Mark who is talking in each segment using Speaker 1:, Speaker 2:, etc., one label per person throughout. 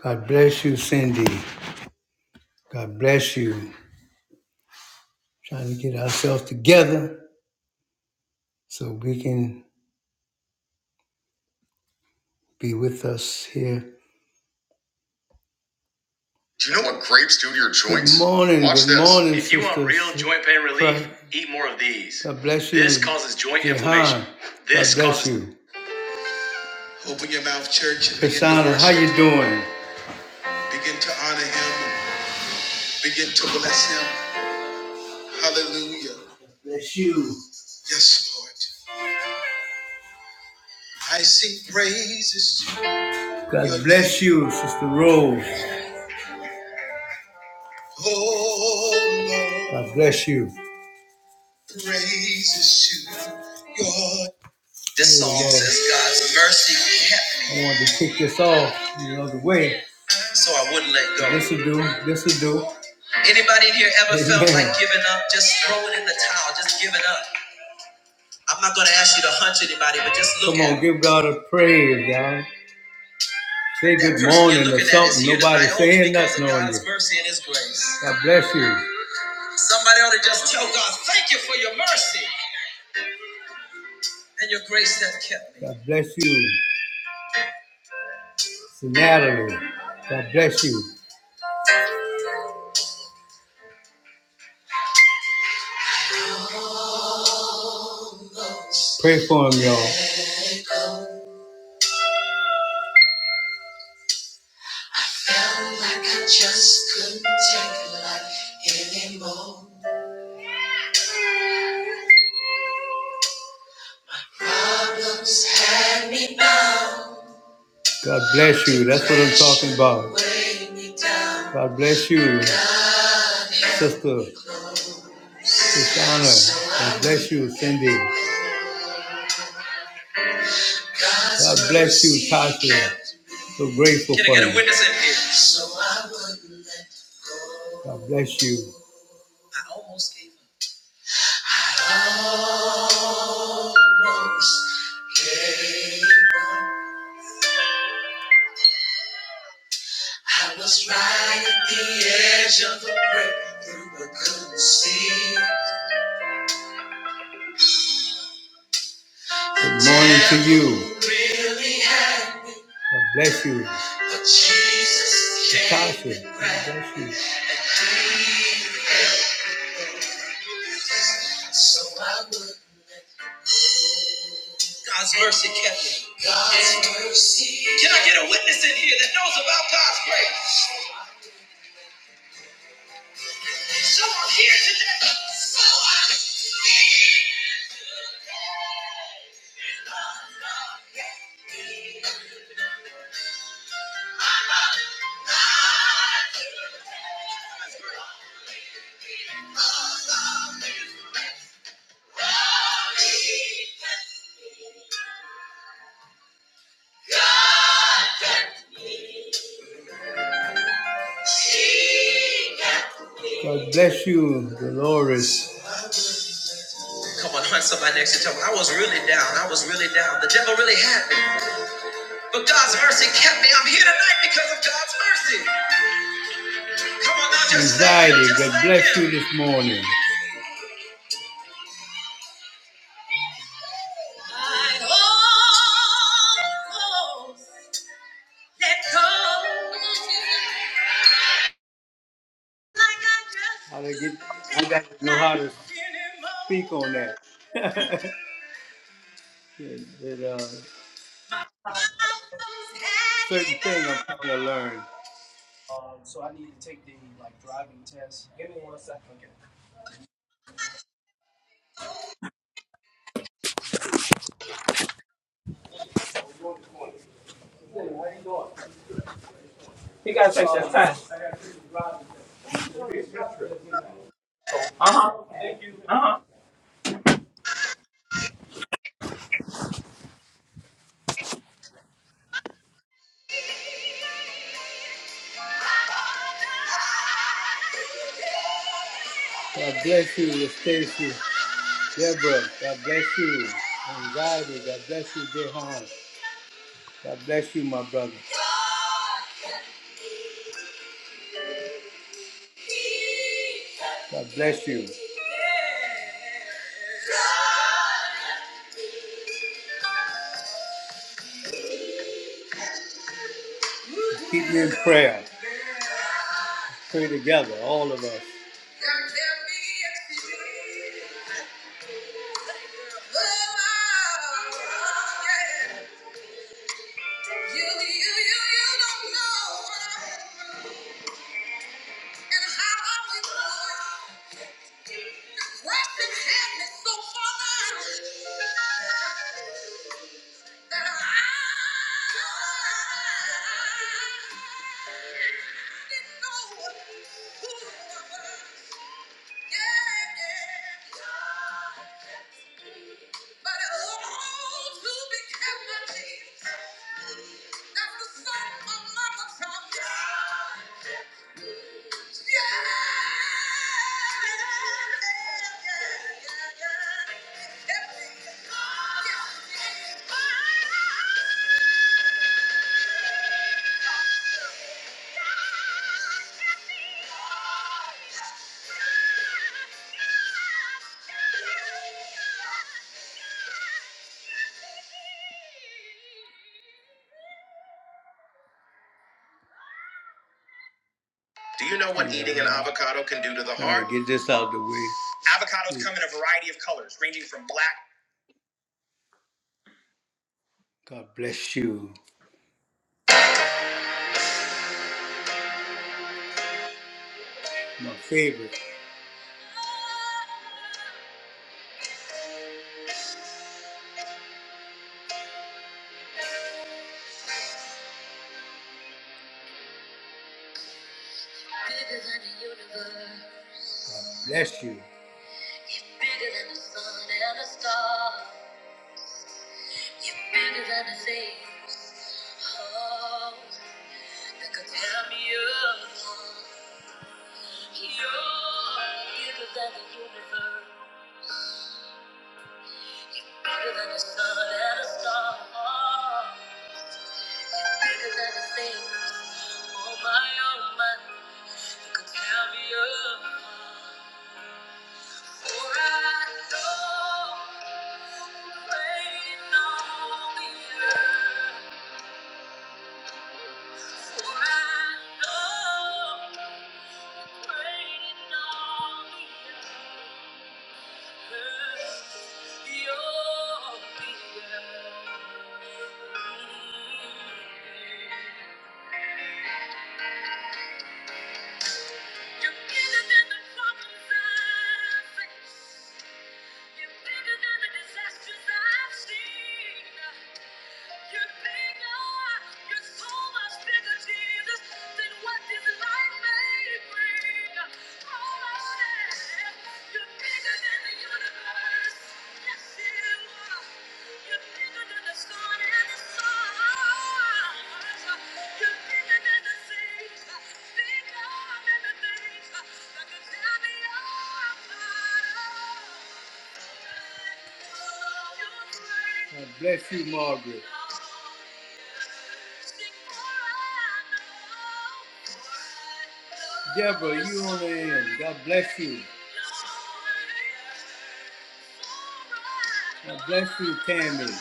Speaker 1: God bless you, Cindy. God bless you. Trying to get ourselves together so we can be with us here. Do you know what grapes do to your joints? Good morning. Watch good this. morning, If you want real joint pain relief, Fra- eat more of these. God bless you. This causes joint Jehan. inflammation. This God bless causes- you. Open your mouth, church. and Cassandra, how you doing? Begin to honor him. Begin to bless him. Hallelujah. God Bless you. Yes, Lord. I sing praises God bless you, Sister Rose. Oh, Lord. God bless you. Praises to your- This song Lord. says God's mercy kept me. I wanted to kick this off, you know, the way. So I wouldn't let go. This will do. This will do. Anybody in here ever Amen. felt like giving up? Just throwing in the towel, just giving up. I'm not gonna ask you to hunch anybody, but just look. Come on, at 'em. give God a praise, y'all. Say good morning or something. Nobody saying nothing on you. mercy and His grace. God bless you. Somebody ought to just tell God, thank you for your mercy and your grace that kept me. God bless you. Natalie. God bless you. Pray for him, y'all. like God bless you. That's what I'm talking about. God bless you. Sister Susanna. God bless you, Cindy. God bless you, Tasha. So grateful for you. So God bless you. right Good morning to you. Really God bless you. Tasha, God bless you. So I would. God's mercy kept me. God's mercy. Can I get a witness in here that knows about God's grace? Someone here today. Someone here God bless you, Dolores. Come on, hunt somebody next to you. I was really down. I was really down. The devil really had me. But God's mercy kept me. I'm here tonight because of God's mercy. Come on now, just Anxiety, thank him, God bless you this morning. I almost let go. How to get? I got to know how to speak on that. it, it, uh, certain thing I'm trying to learn. God bless you, Stacy, Deborah. God bless you, Anxiety. God bless you, Jehan. God bless you, my brother. God bless you. Keep me in prayer. Pray together, all of us. You, you, you, you don't know and how we Do you know what yeah. eating an avocado can do to the heart? Alright, get this out of the way. Avocados yeah. come in a variety of colors, ranging from black. God bless you, my favorite. God bless you. God bless you, Margaret. Deborah, on the end. God bless you. God bless you, Tammy.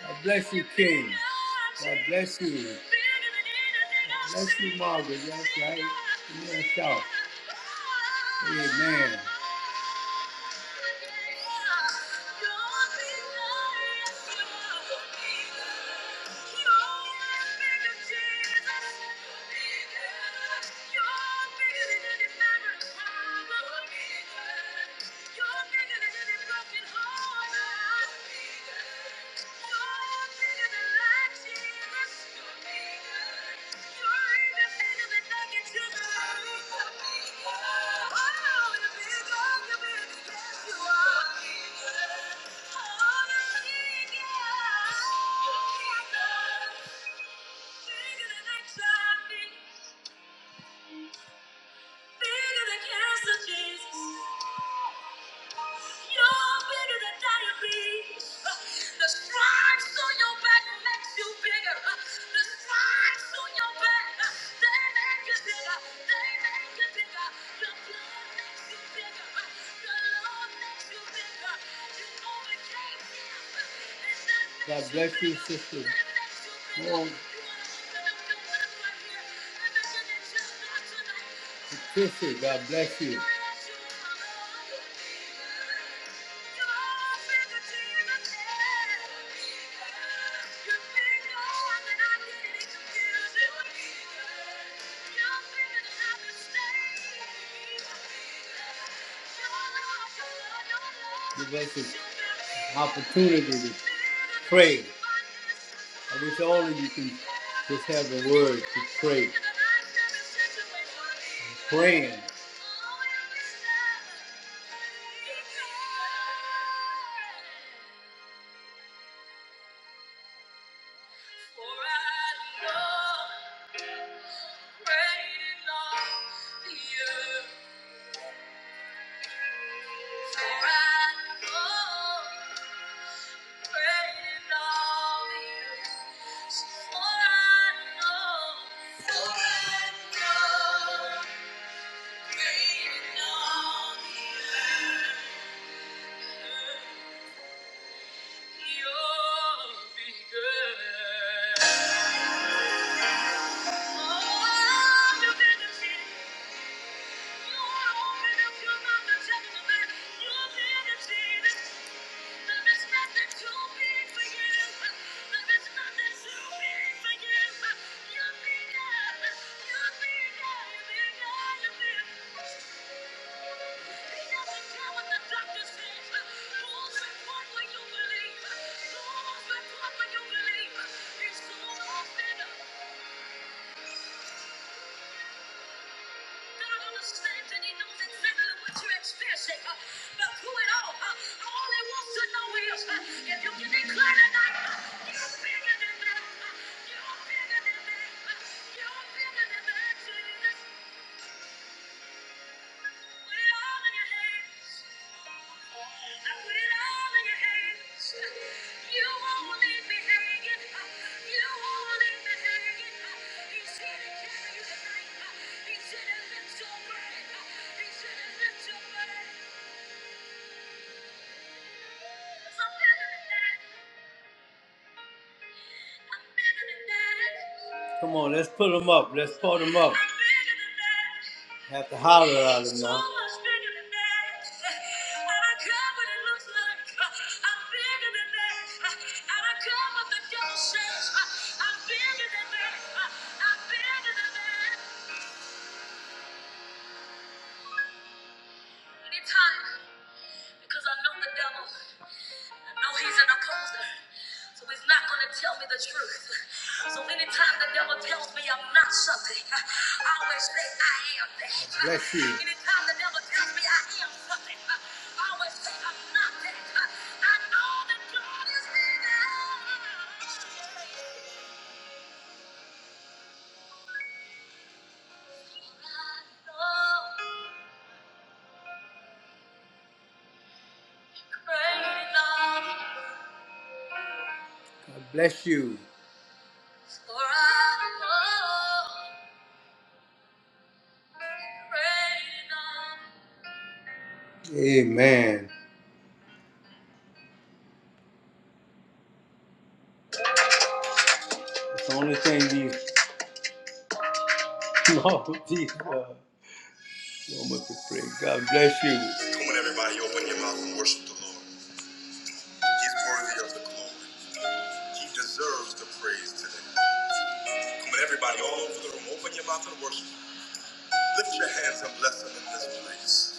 Speaker 1: God bless you, King. God bless you. You, Margaret, that's right. Oh, Patricia, God bless you. Give us an opportunity to Pray. I wish all of you can just have the word to pray. Praying. Come on, let's put them up. Let's put them up. Have to holler. God bless you. Amen. It's the only thing these small people are. So much to pray. God bless you. Come on, everybody, open your mouth and worship the Lord. He's worthy of the glory. He deserves the praise today. Come on, everybody, all over the room, open your mouth and worship. Lift your hands and bless Him in this place.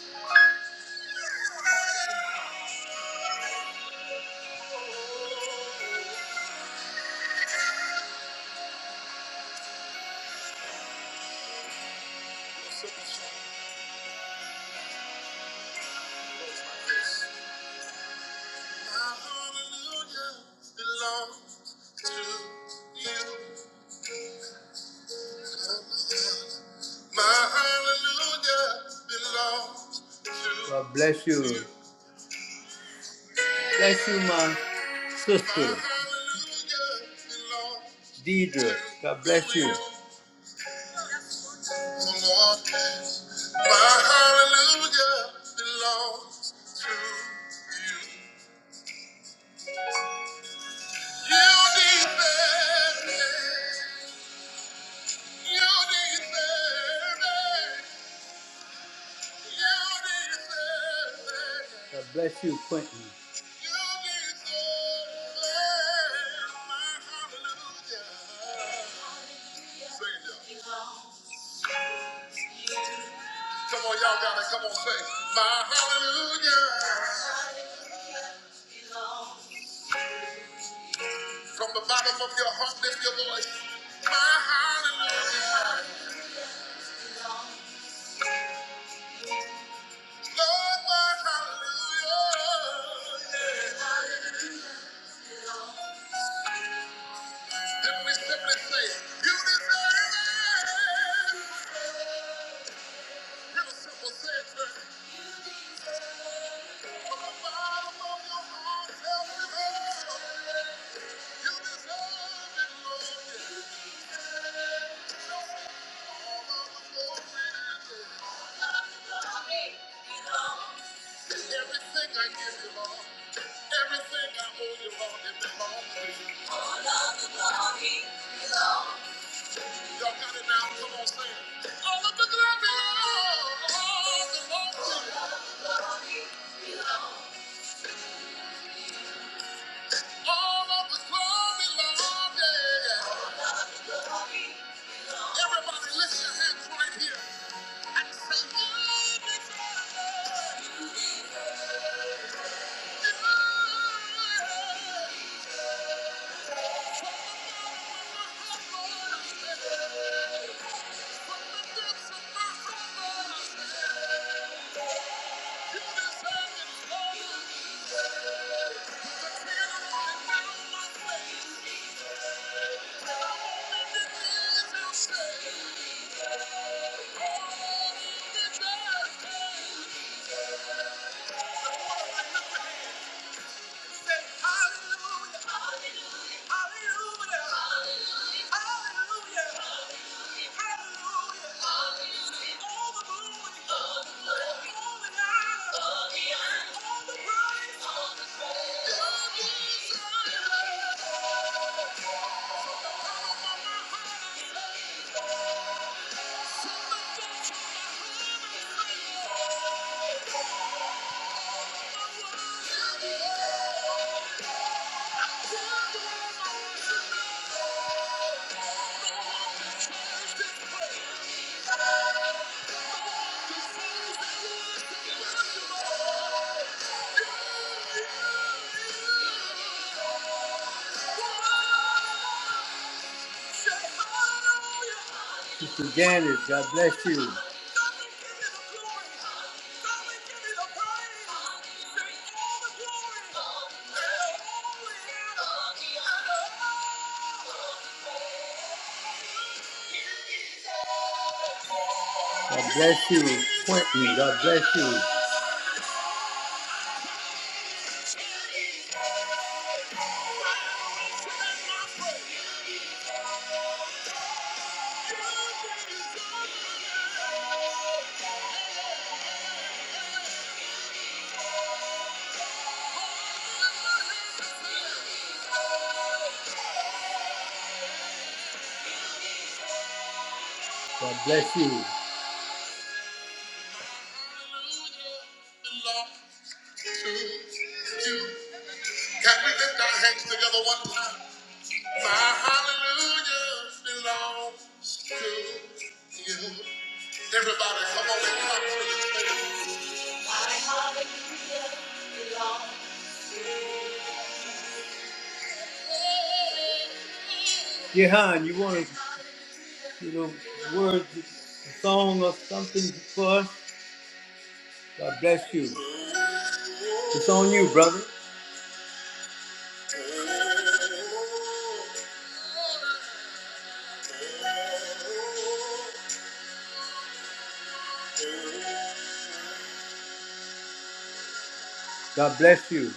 Speaker 1: God bless you. Bless you, my sister, Deidre. God bless you, Quentin. Come on, y'all gotta come on, say my hallelujah. From the bottom of your heart, lift your voice. My hallelujah. Then we simply say, real simple, say it to me. From the bottom of your heart, say hallelujah. Hallelujah. With the glory and honor. Mr. Janice, God bless you. God bless you. Point me. God bless you. God bless you. Can we lift our hands together one time? My hallelujah belongs to you. Everybody, come on and clap for this Jehan, you want to? you know, words, a song or something for us. God bless you. It's on you, brother. God bless you.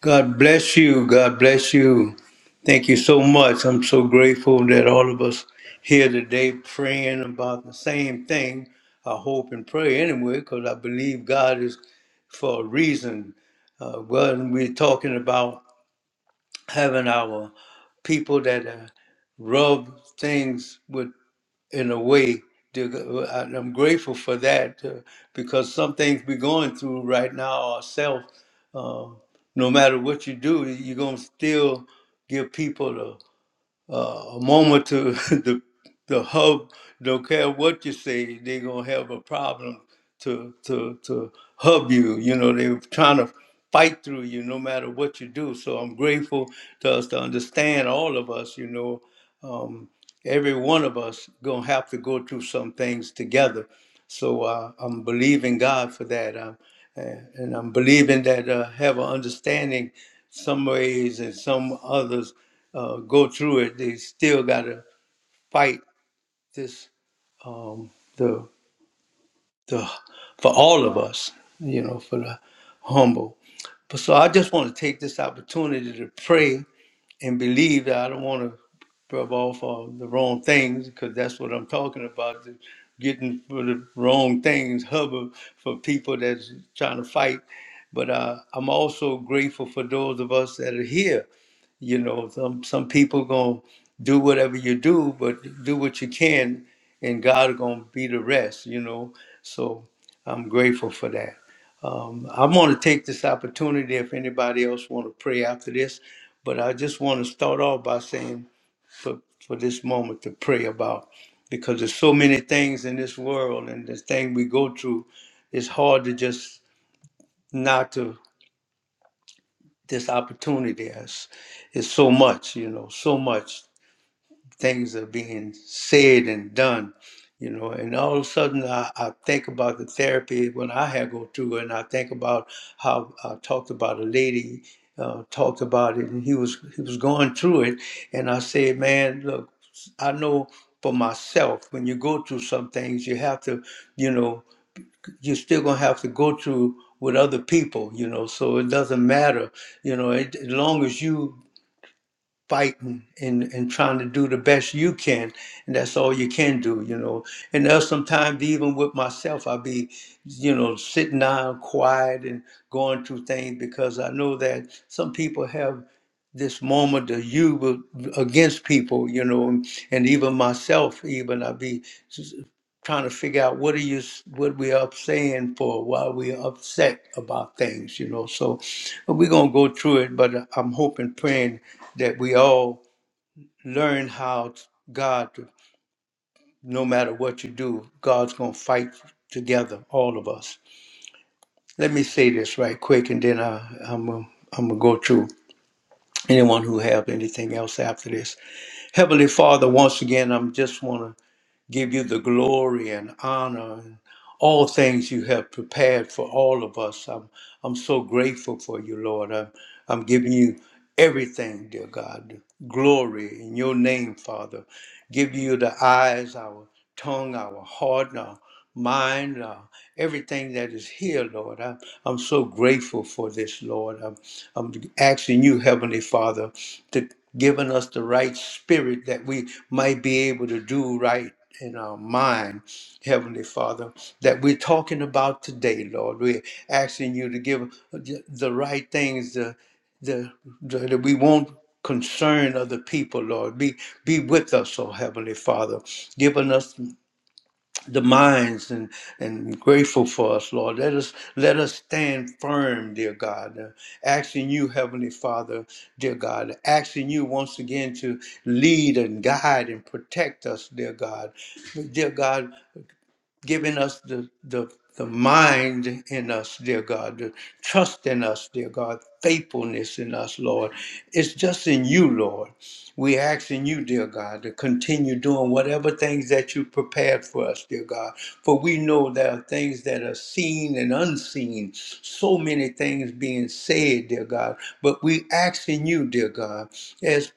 Speaker 1: God bless you. God bless you. Thank you so much. I'm so grateful that all of us here today praying about the same thing. I hope and pray anyway, because I believe God is for a reason. Uh, when we're talking about having our people that uh, rub things with in a way. to- uh, I'm grateful for that uh, because some things we're going through right now ourselves. Uh, no matter what you do, you're gonna still give people uh, a moment to the the hub. Don't care what you say, they're gonna have a problem to to to hub you. You know, they're trying to fight through you no matter what you do. So I'm grateful to us to understand all of us. You know, um, every one of us gonna have to go through some things together. So uh, I'm believing God for that. Um, and and I'm believing that uh, have an understanding some ways and some others uh, go through it. They still got to fight this, um, the, the, for all of us, you know, for the humble. But so I just want to take this opportunity to pray and believe that I don't want to rub off on the wrong things because that's what I'm talking about. the- Getting for the wrong things, hubbub for people that's trying to fight. But uh, I'm also grateful for those of us that are here you know some some people gonna do whatever you do but do what you can and god gonna be the rest you know so i'm grateful for that um, i'm going to take this opportunity if anybody else want to pray after this but i just want to start off by saying for, for this moment to pray about because there's so many things in this world and this thing we go through it's hard to just not to this opportunity is it's so much you know so much things are being said and done, you know. And all of a sudden, I, I think about the therapy when I had go through, and I think about how I talked about a lady uh, talked about it, and he was he was going through it, and I said, man, look, I know for myself when you go through some things, you have to, you know, you're still gonna have to go through with other people, you know. So it doesn't matter, you know, it, as long as you fighting and, and trying to do the best you can and that's all you can do you know and there's sometimes even with myself i'll be you know sitting down quiet and going through things because i know that some people have this moment of you with- against people you know and, and even myself even i'll be s- trying to figure out what are you s- what we up saying for why we upset about things you know so we're gonna go through it but uh, i'm hoping praying that we all learn how t- God, no matter what you do, God's going to fight together, all of us. Let me say this right quick, and then I, I'm going I'm to go to anyone who have anything else after this. Heavenly Father, once again, I'm just want to give you the glory and honor and all things you have prepared for all of us. I'm, I'm so grateful for you, Lord. I'm, I'm giving you everything, dear God. Glory in your name, Father. Give you the eyes, our tongue, our heart, and our mind, uh, everything that is here, Lord. I, I'm so grateful for this, Lord. I'm, I'm asking you, Heavenly Father, to giving us the right spirit that we might be able to do right in our mind, Heavenly Father, that we're talking about today, Lord. We're asking you to give the right things the, the, the that we won't concern other people, Lord. Be be with us, oh Heavenly Father, giving us the minds and, and grateful for us, Lord. Let us let us stand firm, dear God. Uh, asking you, Heavenly Father, dear God, asking you once again to lead and guide and protect us, dear God. Dear God, giving us the, the, the mind in us, dear God, the trust in us, dear God, faithfulness in us, Lord. It's just in you, Lord. We ask in you, dear God, to continue doing whatever things that you prepared for us, dear God. For we know there are things that are seen and unseen, so many things being said, dear God. But we ask in you, dear God, as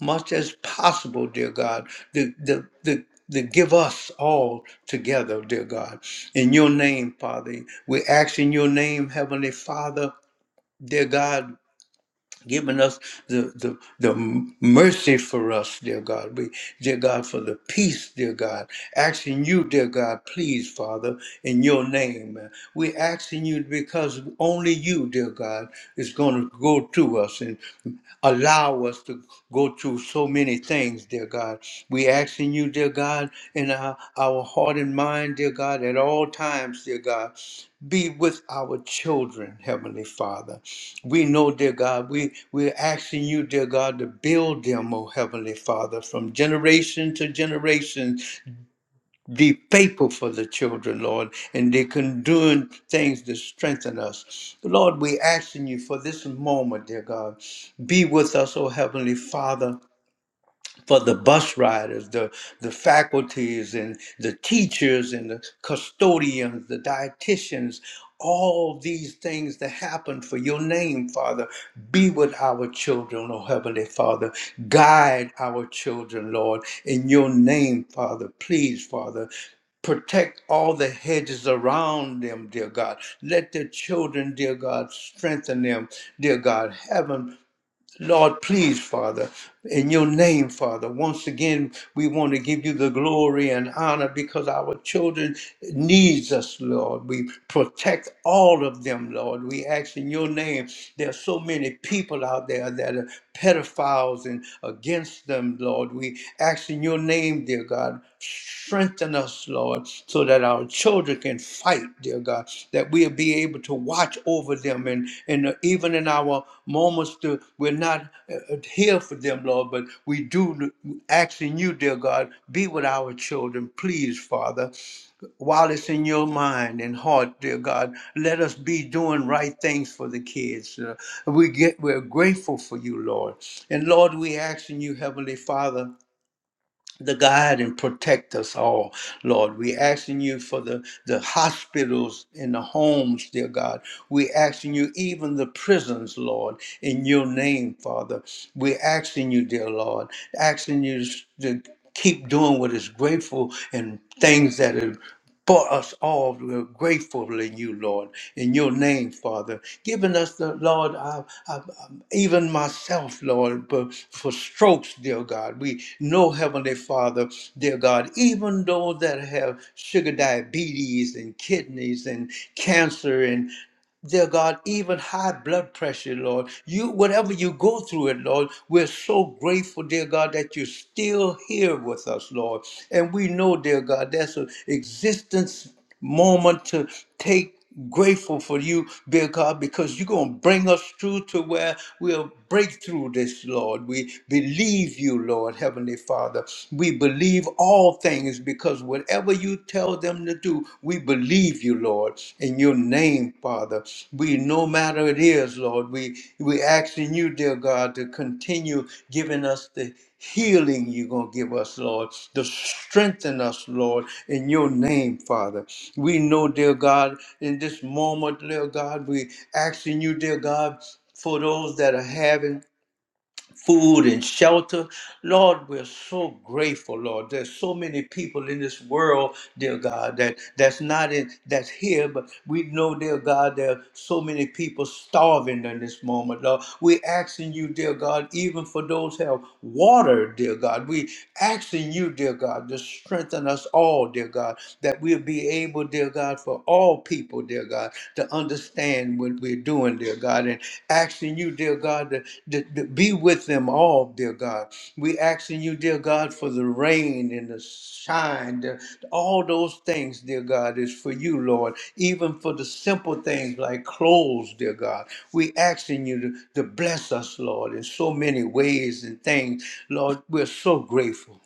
Speaker 1: much as possible, dear God, to, to, to, to give us all together, dear God. In your name, Father, we ask in your name, Heavenly Father, dear God giving us the, the, the mercy for us, dear God. We, dear God, for the peace, dear God. Asking you, dear God, please, Father, in your name. we asking you because only you, dear God, is going to go through us and allow us to go through so many things, dear God. We asking you, dear God, in our, our heart and mind, dear God, at all times, dear God. Be with our children, Heavenly Father. We know, dear God, we, we're asking you, dear God, to build them, oh Heavenly Father, from generation to generation. Be faithful for the children, Lord, and they can do things to strengthen us. Lord, we're asking you for this moment, dear God. Be with us, oh Heavenly Father for the bus riders, the, the faculties and the teachers and the custodians, the dietitians, all these things that happen for your name, Father. Be with our children, oh Heavenly Father. Guide our children, Lord, in your name, Father. Please, Father. Protect all the hedges around them, dear God. Let the children, dear God, strengthen them, dear God. Heaven Lord, please, Father, in your name, Father, once again, we want to give you the glory and honor because our children needs us, Lord. We protect all of them, Lord. We ask in your name. There are so many people out there that are pedophiles and against them, Lord. We Asking your name, dear God, strengthen us, Lord, so that our children can fight, dear God, that we'll be able to watch over them. And, and uh, even in our moments, to, we're not uh, uh, here for them, Lord, but we do asking you, dear God, be with our children, please, Father while it's in your mind and heart, dear God, let us be doing right things for the kids. Uh, we get we're grateful for you, Lord, and Lord, we ask in you, Heavenly Father the guide and protect us all, Lord. we asking you for the, the hospitals and the homes, dear God. we asking you even the prisons, Lord, in your name, Father. we asking you, dear Lord, asking you to keep doing what is grateful and things that are for us all. We're grateful in you, Lord, in your name, Father, giving us the Lord, I, I, I- even myself, Lord, but for strokes, dear God. We know, Heavenly Father, dear God, even those that have sugar diabetes and kidneys and cancer and dear God, even high blood pressure, Lord. You whatever you go through it, Lord, we're so grateful, dear God, that you're still here with us, Lord. And we know, dear God, that's an existence moment to take grateful for you, dear God, because you're gonna bring us through to where we'll break through this, Lord. We believe you, Lord, Heavenly Father. We believe all things is because whatever you tell them to do, we believe you, Lord, in your name, Father. We, no matter it is, Lord, we we asking you, dear God, to continue giving us the healing you're going to give us, Lord, to strengthen us, Lord, in your name, Father. We know, dear God, in this moment, dear God, we asking you, dear God, for those that are having food and shelter. Lord, we're so grateful, Lord. There's so many people in this world, dear God, that that's not in that's here, but we know, dear God, there are so many people starving in this moment, Lord. We're asking you, dear God, even for those who have water, dear God. We asking you, dear God, to strengthen us all, dear God, that we'll be able, dear God, for all people, dear God, to understand what we're doing, dear God, and asking you, dear God, to, to, to be with them all, dear God. we asking you, dear God, for the rain and the shine, the, all those things, dear God, is for you, Lord, even for the simple things like clothes, dear God. we asking you to, to bless us, Lord, in so many ways and things. Lord, we're so grateful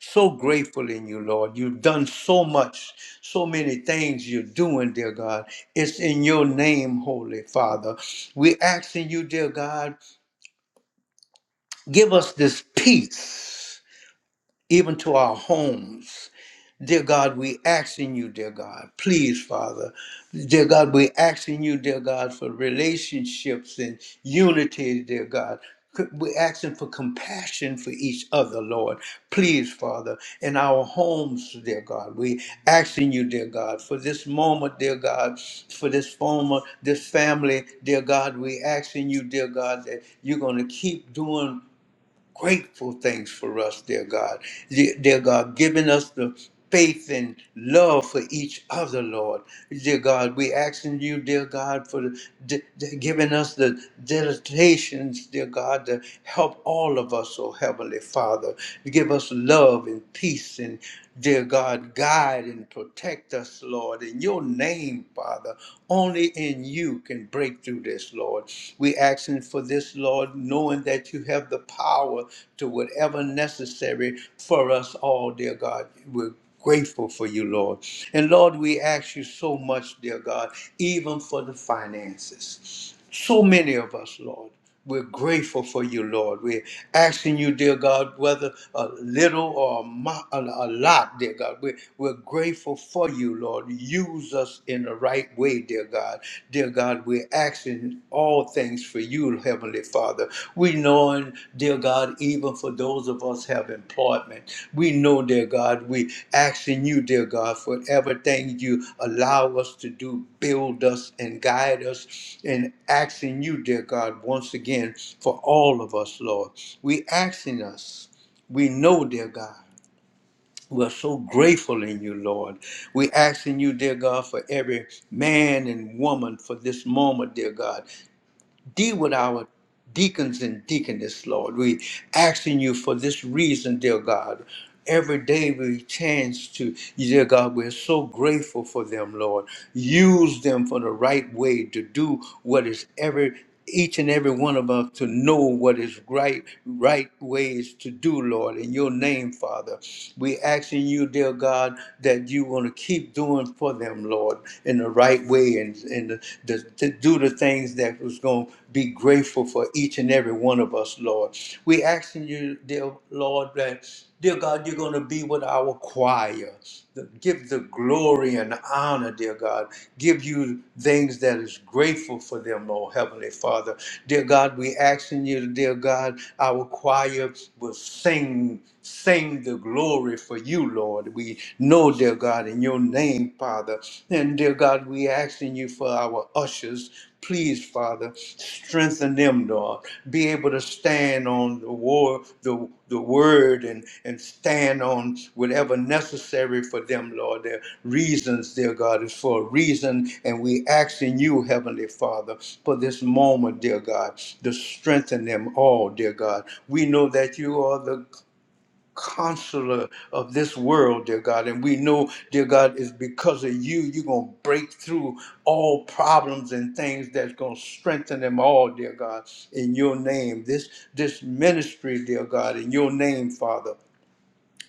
Speaker 1: so grateful in you, Lord. You've done so much, so many things you're doing, dear God. It's in your name, Holy Father. We're asking you, dear God, give us this peace, even to our homes. Dear God, we asking you, dear God, please, Father. Dear God, we asking you, dear God, for relationships and unity, dear God. We're asking for compassion for each other, Lord. Please, Father, in our homes, dear God, we asking you, dear God, for this moment, dear God, for this former, this family, dear God, we asking you, dear God, that you're going to keep doing grateful things for us, dear God. Dear dear God, giving us the faith and love for each other, Lord. Dear God, we asking you, dear God, for the, d- d- giving us the dedications, dear God, to help all of us, oh Heavenly Father. Give us love and peace and Dear God, guide and protect us, Lord, in your name, Father. Only in you can break through this, Lord. We asking for this, Lord, knowing that you have the power to whatever necessary for us all, dear God. We're grateful for you, Lord. And Lord, we ask you so much, dear God, even for the finances. So many of us, Lord. We're grateful for you, Lord. We're asking you, dear God, whether a little or a, mo- a a lot, dear God. We're, we're grateful for you, Lord. Use us in the right way, dear God. Dear God, we're asking all things for you, Heavenly Father. We know Dear God, even for those of us have employment, we know, dear God, we asking you, dear God, for everything you allow us to do, build us and guide us, and asking you, dear God, once again for all of us, Lord. We asking us, we know, dear God, we're so grateful in you, Lord. we asking you, dear God, for every man and woman for this moment, dear God. Deal with our deacons and deaconess, Lord. We asking you for this reason, dear God. Every day we chance to, dear God, we're so grateful for them, Lord. Use them for the right way to do what is every each and every one of us to know what is right, right ways to do, Lord, in your name, Father. We asking you, dear God, that you want to keep doing for them, Lord, in the right way and and the, the, to do the things that was going to be grateful for each and every one of us, Lord. We asking you, dear Lord, that dear God, you're going to be with our choir. The- Give the glory and honor, dear God. Give you things that is grateful for them, oh Heavenly Father. Dear God, we asking you, dear God, our choir will sing Sing the glory for you, Lord. We know, dear God, in your name, Father. And dear God, we asking you for our ushers. Please, Father, strengthen them, Lord. Be able to stand on the war, the, the word, and, and stand on whatever necessary for them, Lord. Their reasons, dear God, is for a reason. And we asking you, Heavenly Father, for this moment, dear God, to strengthen them all, dear God. We know that you are the counselor of this world, dear God. And we know, dear God, it's because of you, you're going to break through all problems and things that's going to strengthen them all, dear God, in your name. This, this ministry, dear God, in your name, Father.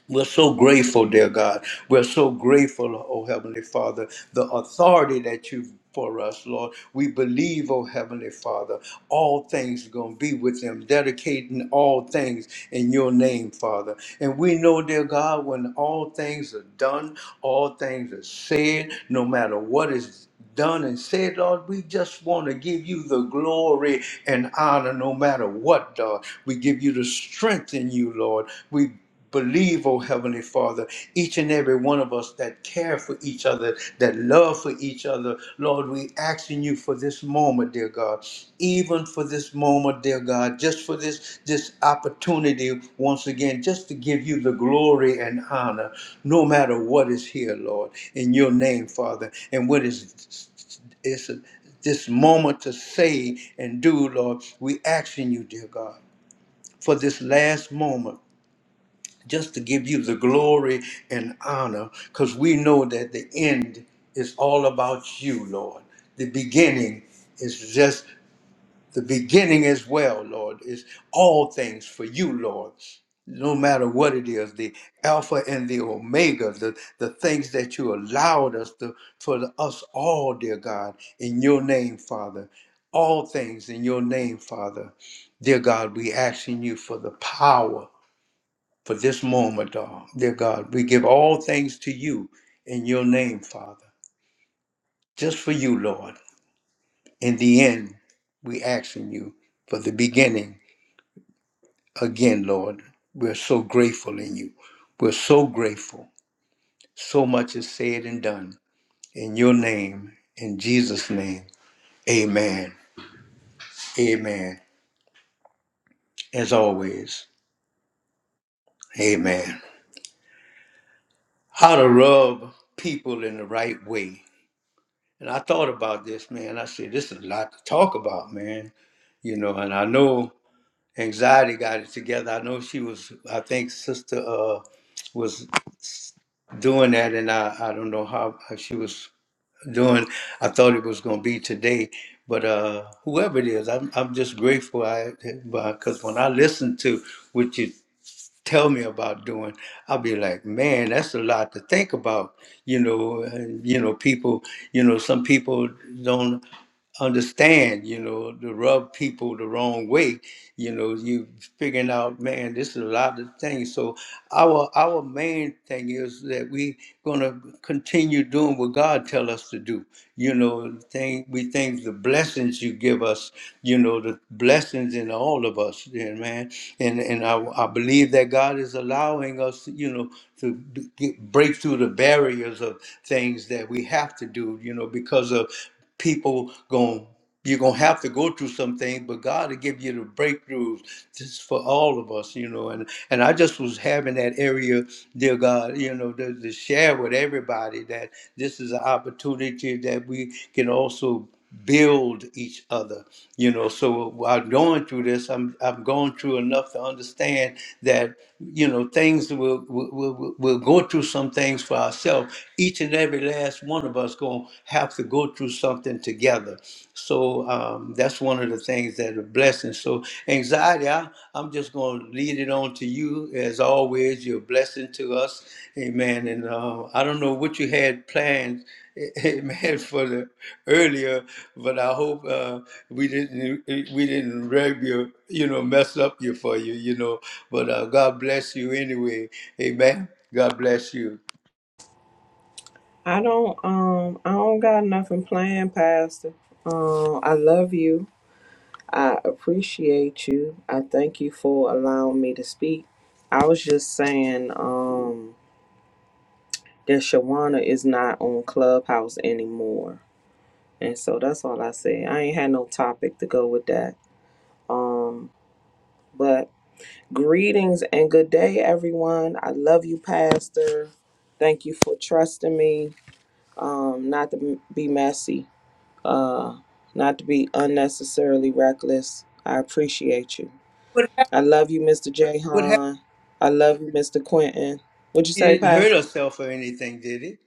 Speaker 1: We're so grateful, dear God. We're so grateful, oh Heavenly Father, the authority that you've for us, Lord. We believe, oh Heavenly Father, all things are going to be with them, dedicating all things in your name, Father. And we know, dear God, when all things are done, all things are said, no matter what is done and said, Lord, we just want to give you the glory and honor no matter what, Lord. We give you the strength in you, Lord. We believe, oh Heavenly Father, each and every one of us that care for each other, that love for each other. Lord, we asking you for this moment, dear God even for this moment, dear God, just for this this opportunity once again, just to give you the glory and honor, no matter what is here, Lord, in your name, Father, and what is is this moment to say and do, Lord, we asking you, dear God, for this last moment, just to give you the glory and honor, because we know that the end is all about you, Lord. The beginning is just the beginning as well, Lord, is all things for you, Lord. No matter what it is, the Alpha and the Omega, the, the things that you allowed us to for the, us all, dear God, in your name, Father. All things in your name, Father. Dear God, we asking you for the power for this moment, oh, dear God. We give all things to you in your name, Father. Just for you, Lord. In the end, we asking you for the beginning again, Lord, we're so grateful in you. We're so grateful. So much is said and done. In your name, in Jesus' name, amen. Amen. As always, amen. How to rub people in the right way. And I thought about this, man. I said, this is a lot to talk about, man. You know, and I know anxiety got it together. I know she was, I think, sister. Uh, was doing that, and I, I don't know how, she was doing. I thought it was going to be today, but uh, whoever it is, I'm I'm just grateful. I because when I listen to what you tell me about doing, I'll be like, man, that's a lot to think about. You know, and, you know, people. You know, some people don't understand, you know, to rub people the wrong way. You know, you figuring out, man, this is a lot of things. So our our main thing is that we gonna continue doing what God tell us to do. You know, thing we think the blessings you give us, you know, the blessings in all of us, yeah, man. And and I, I believe that God is allowing us, you know, to get, break through the barriers of things that we have to do, you know, because of people going you're gonna have to go through some things, but God will give you the breakthroughs. This is for all of us, you know. And and I just was having that area, dear God, you know, to, to share with everybody that this is an opportunity that we can also build each other you know so while going through this i'm i'm going through enough to understand that you know things will will will will go through some things for ourselves each and every last one of us going to have to go through something together so um, that's one of the things that are blessings so anxiety I, i'm just going to lead it on to you as always you're a blessing to us amen and uh, i don't know what you had planned Amen. For the earlier, but I hope uh, we didn't eh, we didn't rub your you know mess up you for you you know. But uh, God bless you anyway. Amen. God bless you.
Speaker 2: I don't um I don't got nothing planned, Pastor. Um I love you. I appreciate you. I thank you for allowing me to speak. I was just saying um that Shawana is not on Clubhouse anymore. And so that's all I say. I ain't had no topic to go with that. Um but greetings and good day everyone. I love you, Pastor. Thank you for trusting me. Um not to be messy. uh, not to be unnecessarily reckless. I appreciate you.
Speaker 1: What happened?
Speaker 2: I love you, Mr.
Speaker 1: What happened?
Speaker 2: Jahan. I love you, Mr. Quentin. What'd you say,
Speaker 1: He didn't hurt
Speaker 2: Pastor?
Speaker 1: herself or anything, did he?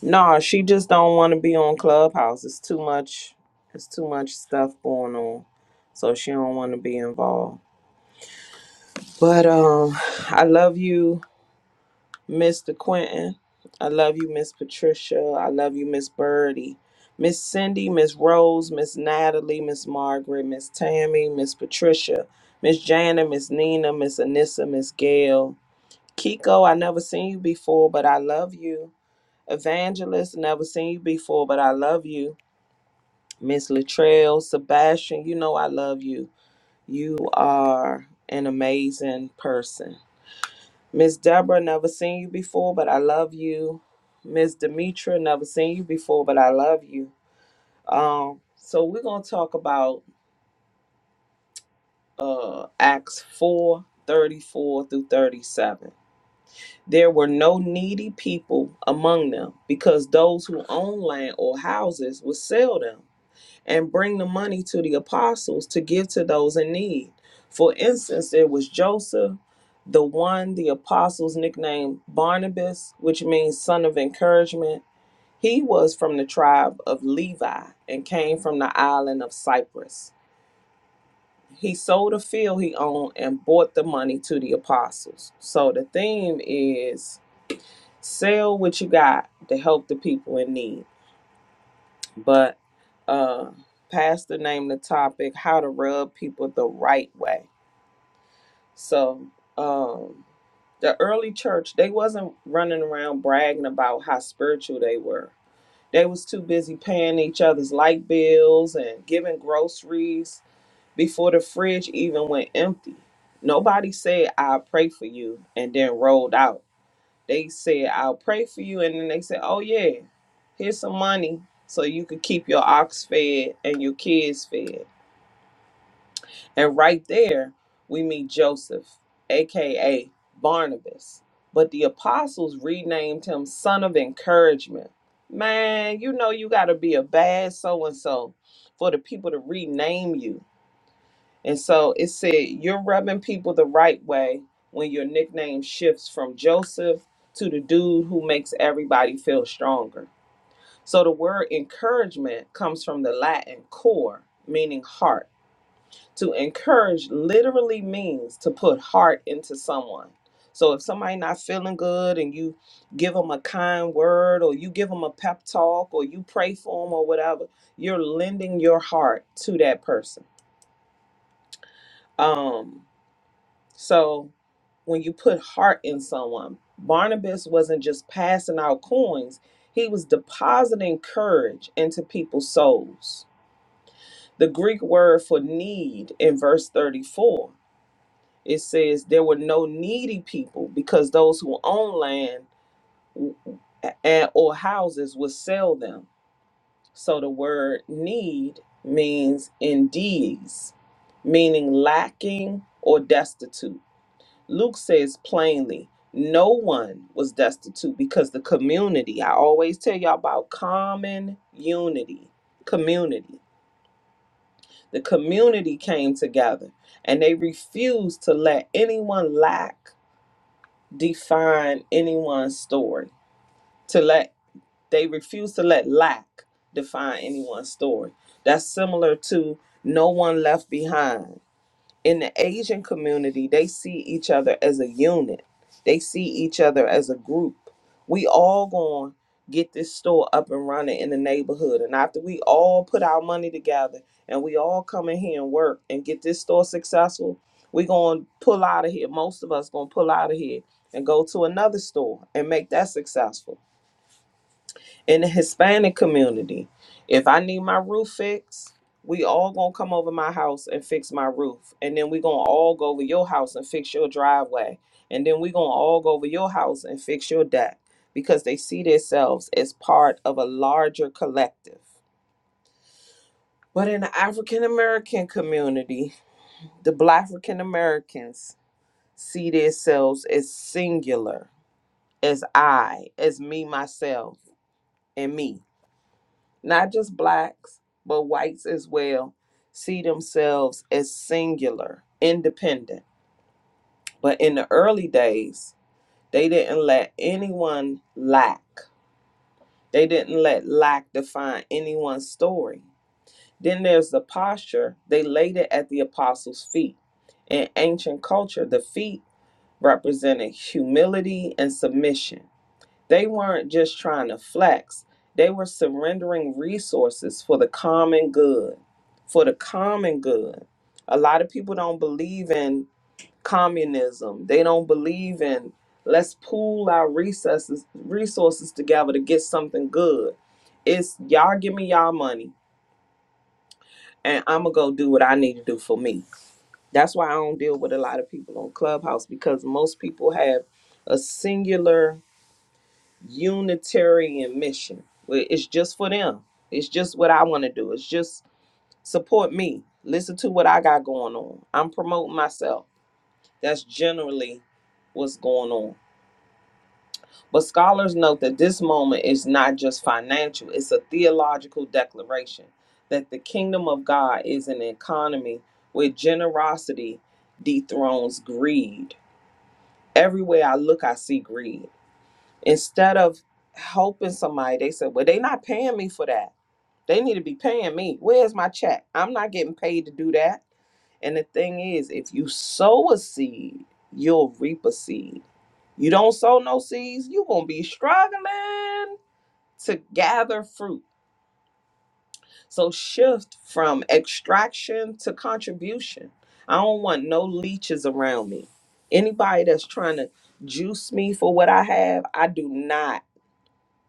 Speaker 2: Nah, she just don't want to be on Clubhouse. It's too much. It's too much stuff going on, so she don't want to be involved. But um, I love you. Mr. Quentin. I love you, Miss Patricia. I love you, Miss Birdie. Miss Cindy, Miss Rose, Miss Natalie, Miss Margaret, Miss Tammy, Miss Patricia, Miss Jana, Miss Nina, Miss Anissa, Miss Gail. Kiko, I never seen you before, but I love you. Evangelist, never seen you before, but I love you. Miss Latrell, Sebastian, you know I love you. You are an amazing person. Miss Deborah, never seen you before, but I love you. Miss Demetra, never seen you before, but I love you. Um, so we're gonna talk about uh Acts 4 34 through 37. There were no needy people among them, because those who owned land or houses would sell them and bring the money to the apostles to give to those in need. For instance, there was Joseph, the one the apostles nicknamed Barnabas, which means son of encouragement. He was from the tribe of Levi and came from the island of Cyprus. He sold a field he owned and bought the money to the apostles. So the theme is sell what you got to help the people in need. but uh, pastor named the topic how to rub people the right way so um, the early church they wasn't running around bragging about how spiritual they were they was too busy paying each other's light bills and giving groceries before the fridge even went empty nobody said i pray for you and then rolled out they said, I'll pray for you. And then they said, Oh, yeah, here's some money so you could keep your ox fed and your kids fed. And right there, we meet Joseph, aka Barnabas. But the apostles renamed him Son of Encouragement. Man, you know, you got to be a bad so and so for the people to rename you. And so it said, You're rubbing people the right way when your nickname shifts from Joseph to the dude who makes everybody feel stronger. So the word encouragement comes from the Latin core, meaning heart. To encourage literally means to put heart into someone. So if somebody not feeling good and you give them a kind word or you give them a pep talk or you pray for them or whatever, you're lending your heart to that person. Um so when you put heart in someone, Barnabas wasn't just passing out coins, he was depositing courage into people's souls. The Greek word for need in verse 34, it says there were no needy people because those who own land w- and or houses would sell them. So the word need means indeed, meaning lacking or destitute. Luke says plainly, no one was destitute because the community, I always tell y'all about common unity, community. The community came together and they refused to let anyone lack define anyone's story. To let they refused to let lack define anyone's story. That's similar to no one left behind. in the Asian community, they see each other as a unit. They see each other as a group. We all going to get this store up and running in the neighborhood. And after we all put our money together and we all come in here and work and get this store successful, we going to pull out of here. Most of us going to pull out of here and go to another store and make that successful in the Hispanic community. If I need my roof fixed, we all gonna come over my house and fix my roof. And then we gonna all go over your house and fix your driveway. And then we gonna all go over your house and fix your deck because they see themselves as part of a larger collective. But in the African American community, the Black African Americans see themselves as singular, as I, as me, myself, and me not just blacks, but whites as well, see themselves as singular, independent. But in the early days, they didn't let anyone lack. They didn't let lack define anyone's story. Then there's the posture. They laid it at the apostles' feet. In ancient culture, the feet represented humility and submission. They weren't just trying to flex, they were surrendering resources for the common good. For the common good. A lot of people don't believe in communism, they don't believe in let's pool our resources resources together to get something good. It's y'all give me y'all money and I'm gonna go do what I need to do for me. That's why I don't deal with a lot of people on Clubhouse because most people have a singular Unitarian mission. Well, It's just for them. It's just what I want to do. It's just support me. Listen to what I got going on. I'm promoting myself. That's generally what's going on. But scholars note that this moment is not just financial, it's a theological declaration that the kingdom of God is an economy where generosity dethrones greed. Everywhere I look, I see greed. Instead of helping somebody, they said, Well, they not paying me for that. They need to be paying me. Where's my check? I'm not getting paid to do that. And the thing is, if you sow a seed, you'll reap a seed. You don't sow no seeds, you're going to be struggling to gather fruit. So shift from extraction to contribution. I don't want no leeches around me. Anybody that's trying to juice me for what I have, I do not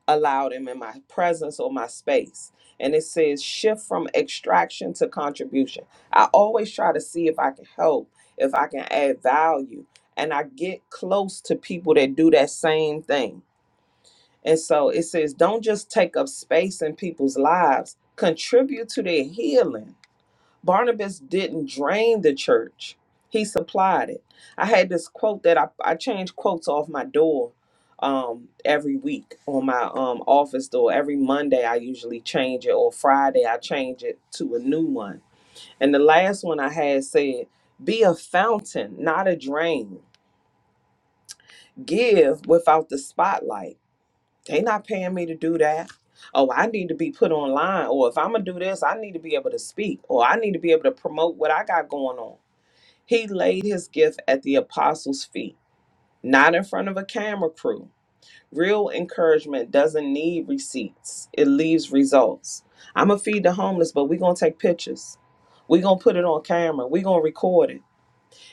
Speaker 2: allowed him in my presence or my space. And it says shift from extraction to contribution. I always try to see if I can help, if I can add value. And I get close to people that do that same thing. And so it says don't just take up space in people's lives, contribute to their healing. Barnabas didn't drain the church, he supplied it. I had this quote that I, I change quotes off my door um, every week on my um, office door. Every Monday, I usually change it, or Friday, I change it to a new one. And the last one I had said, Be a fountain, not a drain. Give without the spotlight. They not paying me to do that. Oh, I need to be put online, or if I'm gonna do this, I need to be able to speak, or I need to be able to promote what I got going on he laid his gift at the apostles' feet, not in front of a camera crew. Real encouragement doesn't need receipts, it leaves results. I'm going to feed the homeless, but we're going to take pictures. We're going to put it on camera. We're going to record it.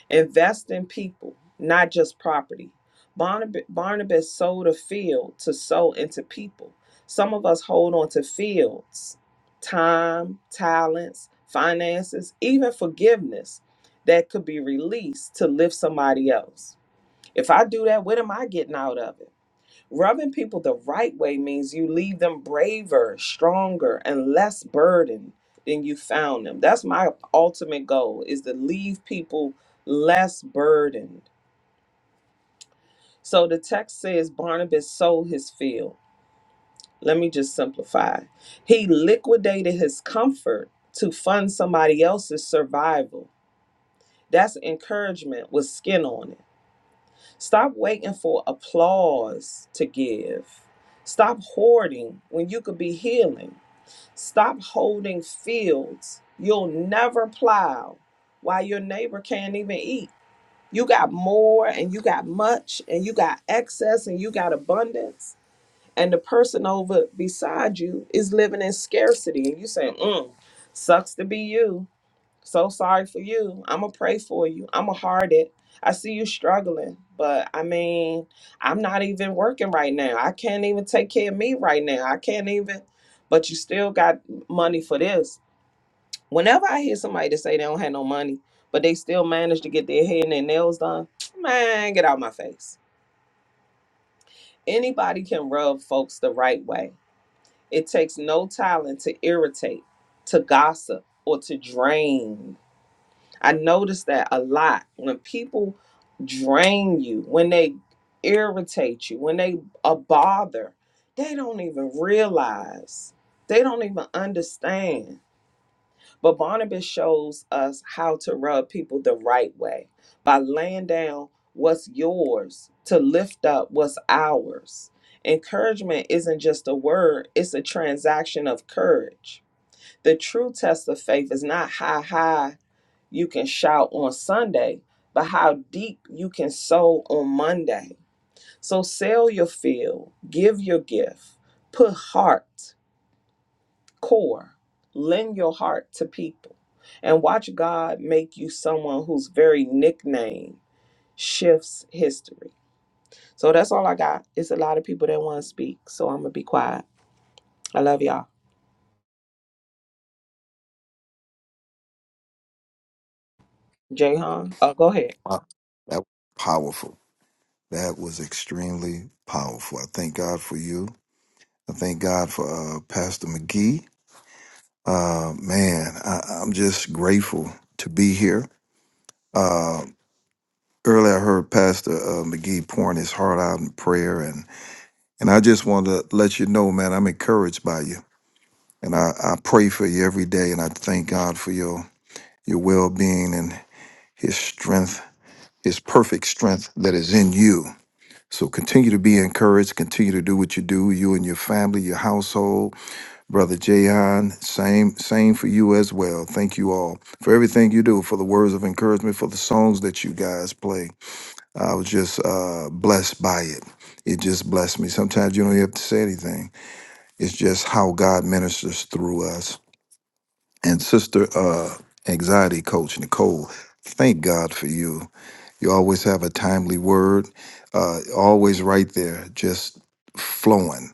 Speaker 2: Invest in people, not just property. Barnabas, Barnabas sold a field to sow into people. Some of us hold on to fields, time, talents, finances, even forgiveness that could be released to lift somebody else. If I do that, what am I getting out of it? Rubbing people the right way means you leave them braver, stronger, and less burdened than you found them. That's my ultimate goal is to leave people less burdened. So the text says Barnabas sold his field. Let me just simplify. He liquidated his comfort to fund somebody else's survival. That's encouragement with skin on it. Stop waiting for applause to give. Stop hoarding when you could be healing. Stop holding fields you'll never plow while your neighbor can't even eat. You got more and you got much and you got excess and you got abundance. And the person over beside you is living in scarcity. And you say, mm, sucks to be you. So sorry for you. I'm going to pray for you. I'm going to hard it. I see you struggling, but I mean, I'm not even working right now. I can't even take care of me right now. I can't even, but you still got money for this. Whenever I hear somebody to say they don't have no money, but they still manage to get their hair and their nails done, man, get out my face. Anybody can rub folks the right way. It takes no talent to irritate, to gossip, or to drain. I notice that a lot when people drain you, when they irritate you, when they a bother, they don't even realize. They don't even understand. But Barnabas shows us how to rub people the right way by laying down what's yours to lift up what's ours. Encouragement isn't just a word, it's a transaction of courage. The true test of faith is not high, high you can shout on Sunday, but how deep you can sow on Monday. So sell your field, give your gift, put heart, core, lend your heart to people, and watch God make you someone whose very nickname shifts history. So that's all I got. It's a lot of people that want to speak, so I'm gonna be quiet. I love y'all. Jayhan, uh, go ahead.
Speaker 3: Wow. That was powerful. That was extremely powerful. I thank God for you. I thank God for uh, Pastor McGee. Uh, man, I, I'm just grateful to be here. Uh, earlier, I heard Pastor uh, McGee pouring his heart out in prayer, and and I just want to let you know, man, I'm encouraged by you, and I, I pray for you every day, and I thank God for your your well being and His strength, His perfect strength that is in you So continue to be encouraged. Continue to do what you do, you and your family, your household. Brother Jayon, same, same for you as well. Thank you all for everything you do, for the words of encouragement, for the songs that you guys play. I was just uh, blessed by it. It just blessed me. Sometimes you don't have to say anything. It's just how God ministers through us. And Sister uh, Anxiety Coach Nicole, thank God for you. You always have a timely word, uh, always right there, just flowing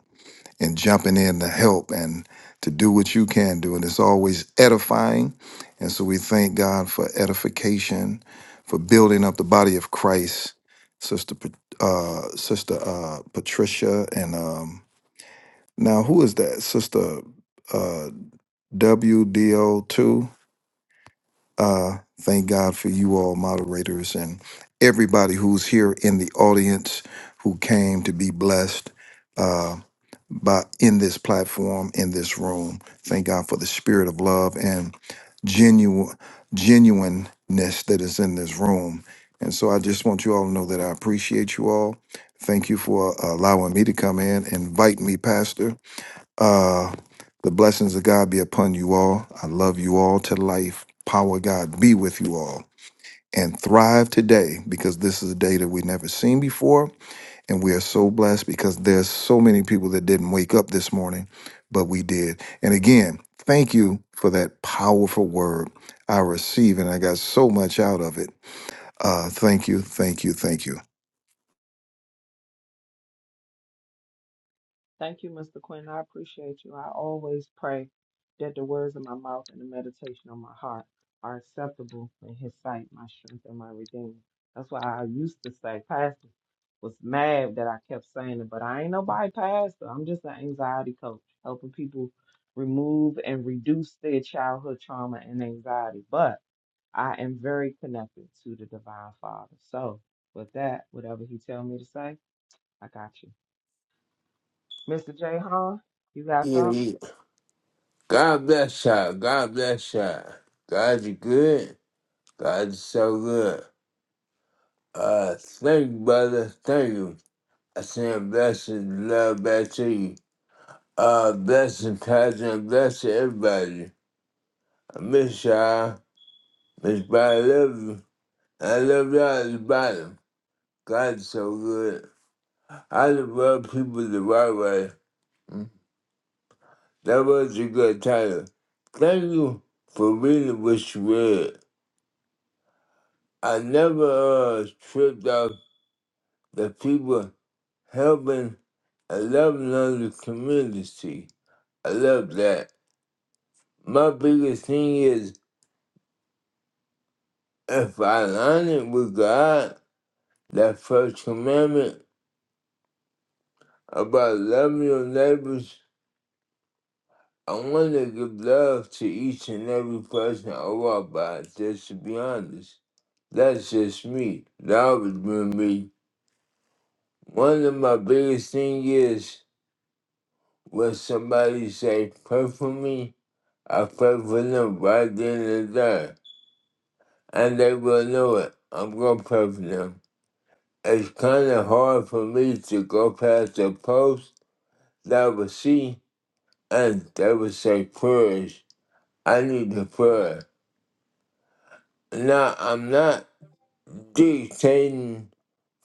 Speaker 3: and jumping in to help and to do what you can do. And it's always edifying. And so we thank God for edification, for building up the body of Christ. Sister, Pa- uh, Sister uh, Patricia, and um, now who is that? Sister uh, WDO2. Uh, thank God for you all, moderators, and everybody who's here in the audience who came to be blessed uh, by in this platform, in this room. Thank God for the spirit of love and genuine genuineness that is in this room. And so I just want you all to know that I appreciate you all. Thank you for uh, allowing me to come in. Invite me, Pastor. Uh, the blessings of God be upon you all. I love you all to life. Power of God be with you all. And thrive today because this is a day that we've never seen before. And we are so blessed because there's so many people that didn't wake up this morning, but we did. And again, thank you for that powerful word I received, and I got so much out of it. Uh, thank you, thank you, thank you.
Speaker 2: Thank you, Mr. Quinn. I appreciate you. I always pray that the words of my mouth and the meditation of my heart are acceptable in His sight, my strength and my redeemer. That's why I used to say, Pastor was mad that I kept saying it, but I ain't nobody pastor. I'm just an anxiety coach, helping people remove and reduce their childhood trauma and anxiety. But I am very connected to the Divine Father. So with that, whatever He tell me to say, I got you. Mr. J. Hahn, you got
Speaker 4: Yeah,
Speaker 2: something?
Speaker 4: yeah. God bless y'all. God bless y'all. God, you good. God, you so good. Uh, thank you, brother. Thank you. I send blessings, love back to you. Uh, blessings, cousin, blessing everybody. I miss y'all. Miss Bobby, I love you. I love y'all at the bottom. God, is so good. I love people the right way. Mm. That was a good title. Thank you for reading what you read. I never uh, tripped off the people helping and loving on the community. I love that. My biggest thing is if I align it with God, that first commandment about loving your neighbors, I want to give love to each and every person I walk by, just to be honest. That's just me. That always been me. One of my biggest thing is when somebody say, pray for me, I pray for them right then and there. And they will know it. I'm going to pray for them. It's kind of hard for me to go past a post that I would see and they would say prayers. I need a prayer. Now, I'm not dictating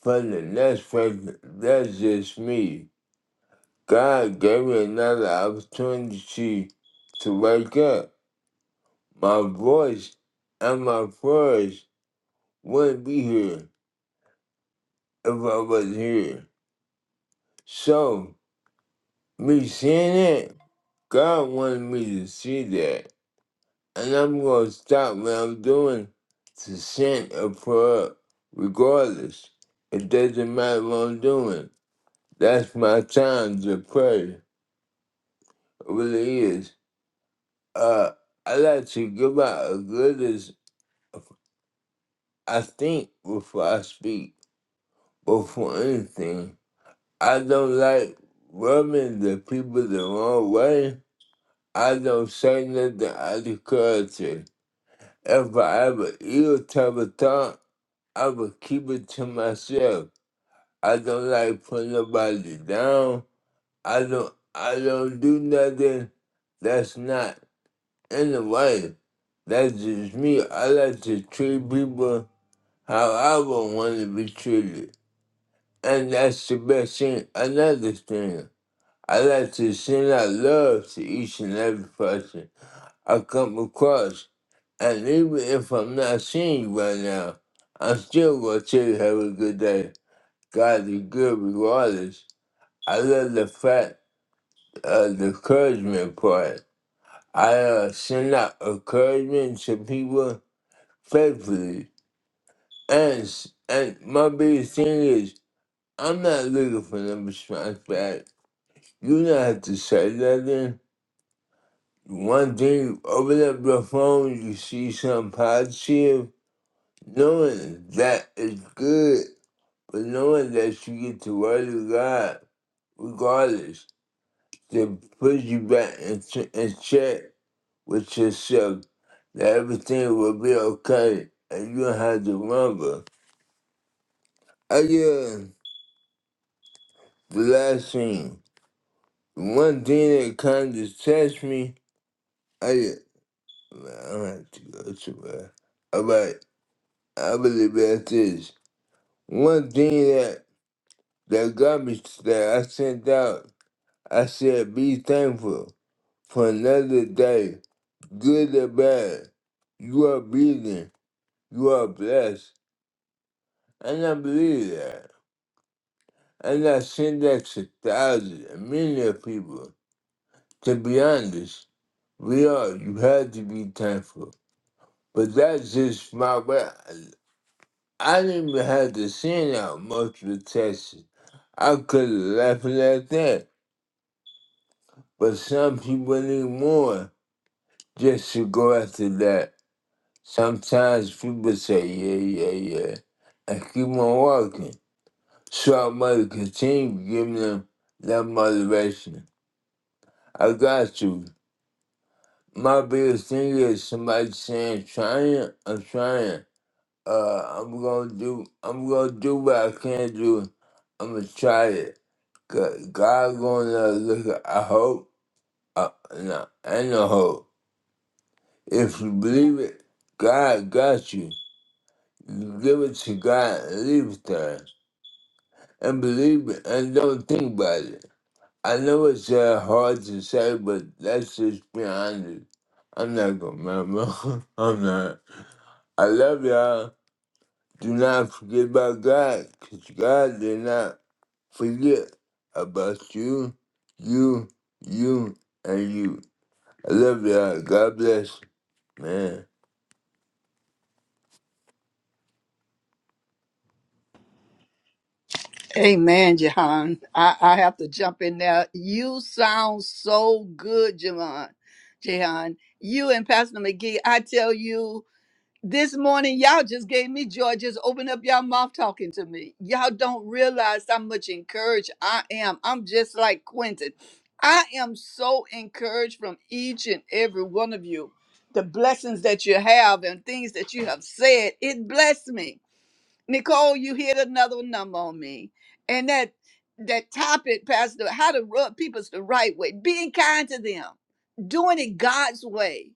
Speaker 4: for the next person. That's just me. God gave me another opportunity to wake up. My voice and my prayers wouldn't be here if I was here. So, me seeing it, God wanted me to see that. And I'm going to stop what I'm doing to send a prayer up, regardless. It doesn't matter what I'm doing. That's my time to pray. It really is. Uh, I like to give out a good example I think before I speak, before anything. I don't like rubbing the people the wrong way. I don't say nothing out of culture. If I have an ill type of thought, I will keep it to myself. I don't like putting nobody down. I don't I don't do nothing that's not in the way. That's just me. I like to treat people how I would want to be treated. And that's the best thing. Another thing, I like to send out love to each and every person I come across. And even if I'm not seeing you right now, I'm still going to tell you have a good day. God is good regardless. I love the fact of the encouragement part. I uh, send out encouragement to people faithfully. And, s- and my biggest thing is, I'm not looking for no response back. You don't have to say nothing. One thing, you open up your phone, you see something positive, knowing that is good, but knowing that you get the word of God, regardless, to put you back in, ch- in check with yourself, that everything will be okay, and you don't have to remember. I yeah, the last thing, the one thing that kind of touched me, I Man, I don't have to go to man. All right, I believe that this. One thing that that garbage that I sent out, I said be thankful for another day, good or bad. You are breathing, you are blessed. And I believe that. And I send that to thousands and millions of people. To be honest, we are, you have to be thankful. But that's just my way. I didn't even have to send out multiple texts. I could have left it at that. But some people need more just to go after that. Sometimes people say, yeah, yeah, yeah, and keep on walking. So I must continue giving them that motivation. I got you. My biggest thing is somebody saying, trying, I'm trying. Uh, I'm gonna do, I'm gonna do what I can do. I'm gonna try it. G- God gonna look at I hope uh, no, and a hope. If you believe it, God got you. You give it to God and leave it there. And believe it and don't think about it. I know it's uh, hard to say, but that's just be honest. I'm not gonna remember. I'm not. I love y'all. Do not forget about God, 'cause God did not forget about you, you, you, and you. I love y'all. God bless, man.
Speaker 5: Amen, Jahan. I, I have to jump in there. You sound so good, Jahan. Jahan, you and Pastor McGee, I tell you, this morning y'all just gave me joy. Just open up your mouth talking to me. Y'all don't realize how much encouraged I am. I'm just like Quentin. I am so encouraged from each and every one of you. The blessings that you have and things that you have said, it blessed me Nicole, you hit another number on me. And that that topic, Pastor, how to rub people's the right way, being kind to them, doing it God's way.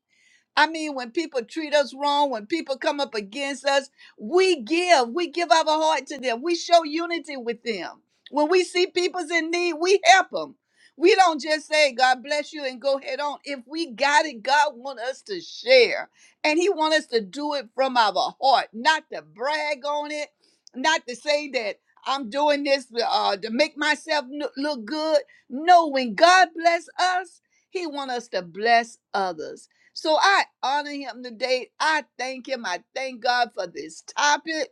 Speaker 5: I mean, when people treat us wrong, when people come up against us, we give. We give our heart to them. We show unity with them. When we see people's in need, we help them. We don't just say, God bless you and go head on. If we got it, God want us to share. And he want us to do it from our heart, not to brag on it, not to say that I'm doing this uh, to make myself no- look good. No, when God bless us, he want us to bless others. So I honor him today. I thank him. I thank God for this topic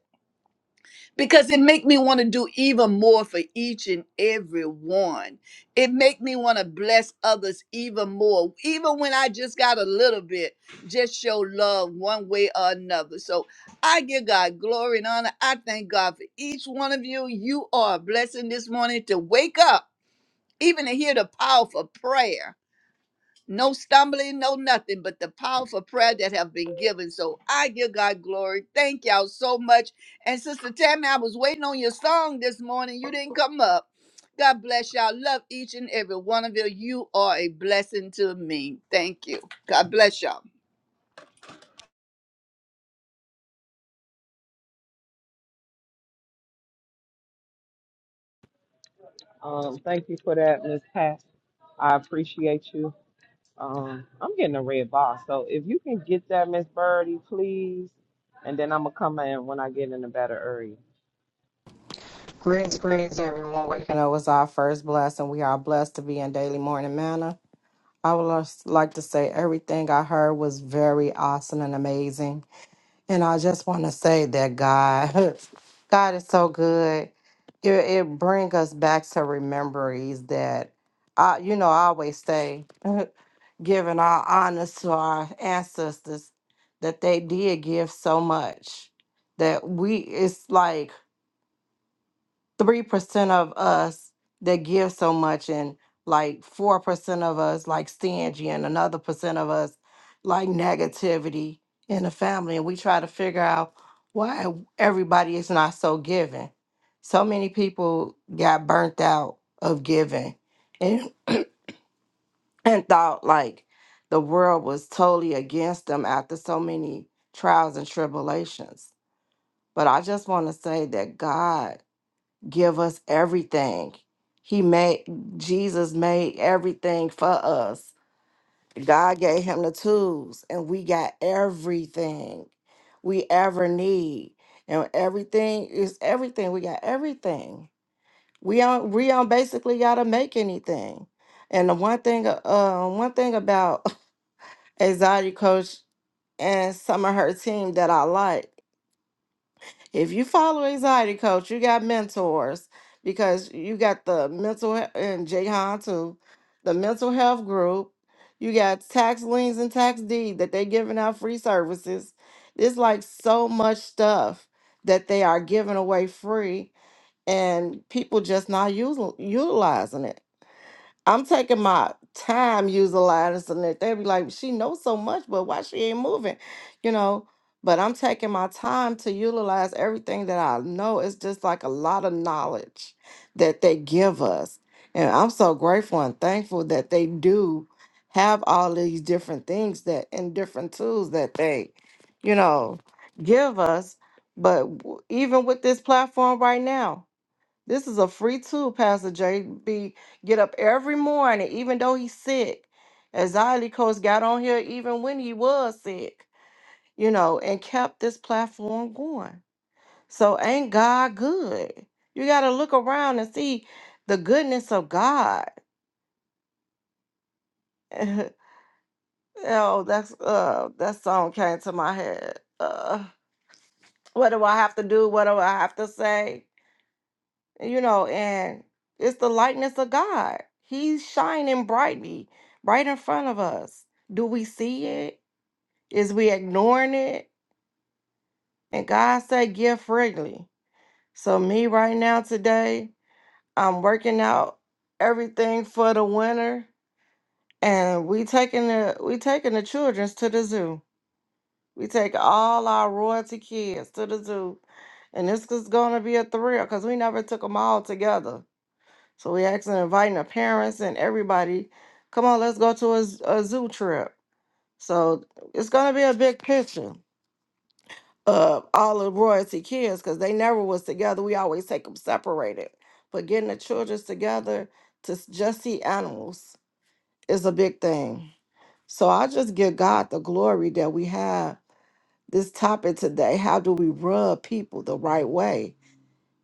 Speaker 5: because it make me want to do even more for each and every one. It make me want to bless others even more. Even when I just got a little bit, just show love one way or another. So I give God glory and honor. I thank God for each one of you. You are a blessing this morning to wake up, even to hear the powerful prayer no stumbling, no nothing, but the powerful prayer that have been given. So I give God glory. Thank y'all so much. And Sister Tammy, I was waiting on your song this morning. You didn't come up. God bless y'all. Love each and every one of you. You are a blessing to me. Thank you. God bless y'all.
Speaker 2: Um, thank you for that, Miss Pat. I appreciate you. Um, I'm getting a red bar, so if you can get that, Miss Birdie, please. And then I'm gonna come in when I get in the better area.
Speaker 6: Greetings, greetings, everyone. Waking up was our first blessing. We are blessed to be in Daily Morning Manna. I would just like to say everything I heard was very awesome and amazing. And I just want to say that God, God is so good. It, it brings us back to memories that, I, you know, I always say, giving our honors to our ancestors, that they did give so much. That we, it's like, three percent of us that give so much and like four percent of us like stingy and another percent of us like negativity in the family and we try to figure out why everybody is not so giving so many people got burnt out of giving and, and thought like the world was totally against them after so many trials and tribulations but i just want to say that god give us everything. He made Jesus made everything for us. God gave him the tools and we got everything we ever need. And everything is everything. We got everything. We don't we don't basically gotta make anything. And the one thing uh one thing about Anxiety Coach and some of her team that I like If you follow anxiety coach, you got mentors because you got the mental he- and Jahan too, the mental health group. You got tax liens and tax deed that they giving out free services. It's like so much stuff that they are giving away free and people just not using utilizing it. I'm taking my time utilizing it. They'd be like, she knows so much, but why she ain't moving, you know? But I'm taking my time to utilize everything that I know. It's just like a lot of knowledge that they give us. And I'm so grateful and thankful that they do have all these different things that and different tools that they, you know, give us. But w- even with this platform right now, this is a free tool, Pastor JB. Get up every morning, even though he's sick. As Ziley Coach got on here even when he was sick, you know, and kept this platform going. So ain't God good? You gotta look around and see the goodness of God. oh, that's uh that song came to my head. Uh what do I have to do? What do I have to say? you know, and it's the likeness of God. He's shining brightly, right in front of us. Do we see it? Is we ignoring it? And God said, give freely. So me right now today, I'm working out everything for the winter, and we taking the we taking the childrens to the zoo. We take all our royalty kids to the zoo, and this is gonna be a thrill because we never took them all together So we actually inviting the parents and everybody. Come on, let's go to a, z- a zoo trip. So it's gonna be a big picture of all the royalty kids because they never was together. We always take them separated. But getting the childrens together to s- just see animals is a big thing. So I just give God the glory that we have this topic today. How do we rub people the right way?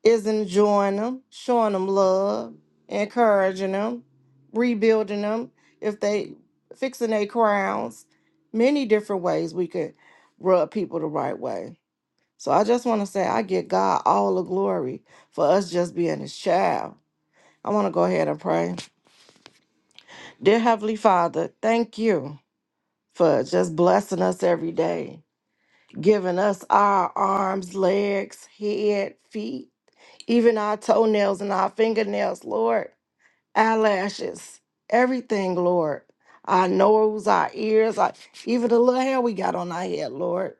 Speaker 6: is enjoying them, showing them love, encouraging them, rebuilding them. If they fixing their crowns, many different ways we could rub people the right way. So I just want to say I give God all the glory for us just being His child. I want to go ahead and pray. Dear Heavenly Father, thank you for just blessing us every day, giving us our arms, legs, head, feet, even our toenails and our fingernails, Lord. eyelashes, everything, Lord. Our nose, our ears, our, even the little hair we got on our head, Lord.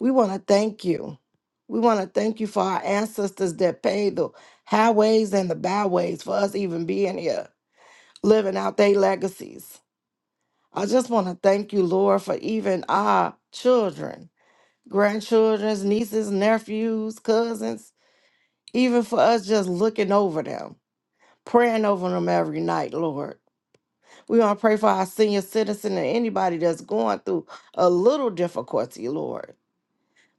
Speaker 6: We want to thank you. We want to thank you for our ancestors that paid the highways and the byways for us even being here, living out their legacies. I just want to thank you, Lord, for even our children, grandchildren's, nieces, nephews, cousins, even for us just looking over them, praying over them every night, Lord. We want to pray for our senior citizen and anybody that's going through a little difficulty, Lord.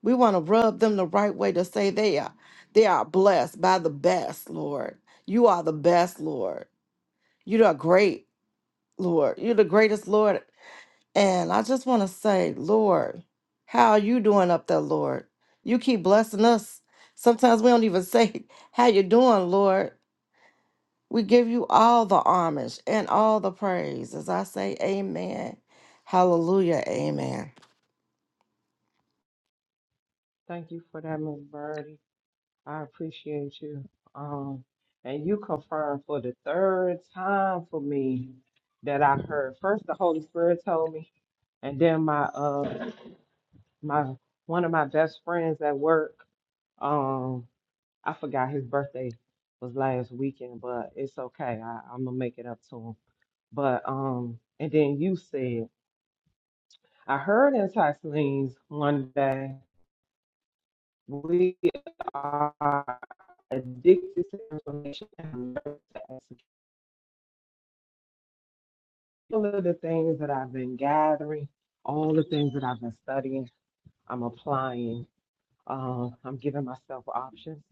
Speaker 6: We want to rub them the right way to say they are they are blessed by the best, Lord. You are the best, Lord. You are great, Lord. You're the greatest, Lord. And I just want to say, Lord, how are you doing up there, Lord? You keep blessing us. Sometimes we don't even say how you doing, Lord. We give you all the homage and all the praise. As I say, amen. Hallelujah. Amen.
Speaker 2: Thank you for that, Miss Birdie. I appreciate you. Um, and you confirmed for the third time for me that I heard. First, the Holy Spirit told me, and then my uh my one of my best friends at work. Um, I forgot his birthday was last weekend, but it's okay. I, I'm gonna make it up to him. But um, and then you said. I heard in Tylene's one day, we are addicted to information and alert to execute. All of the things that I've been gathering, all the things that I've been studying, I'm applying. Um, I'm giving myself options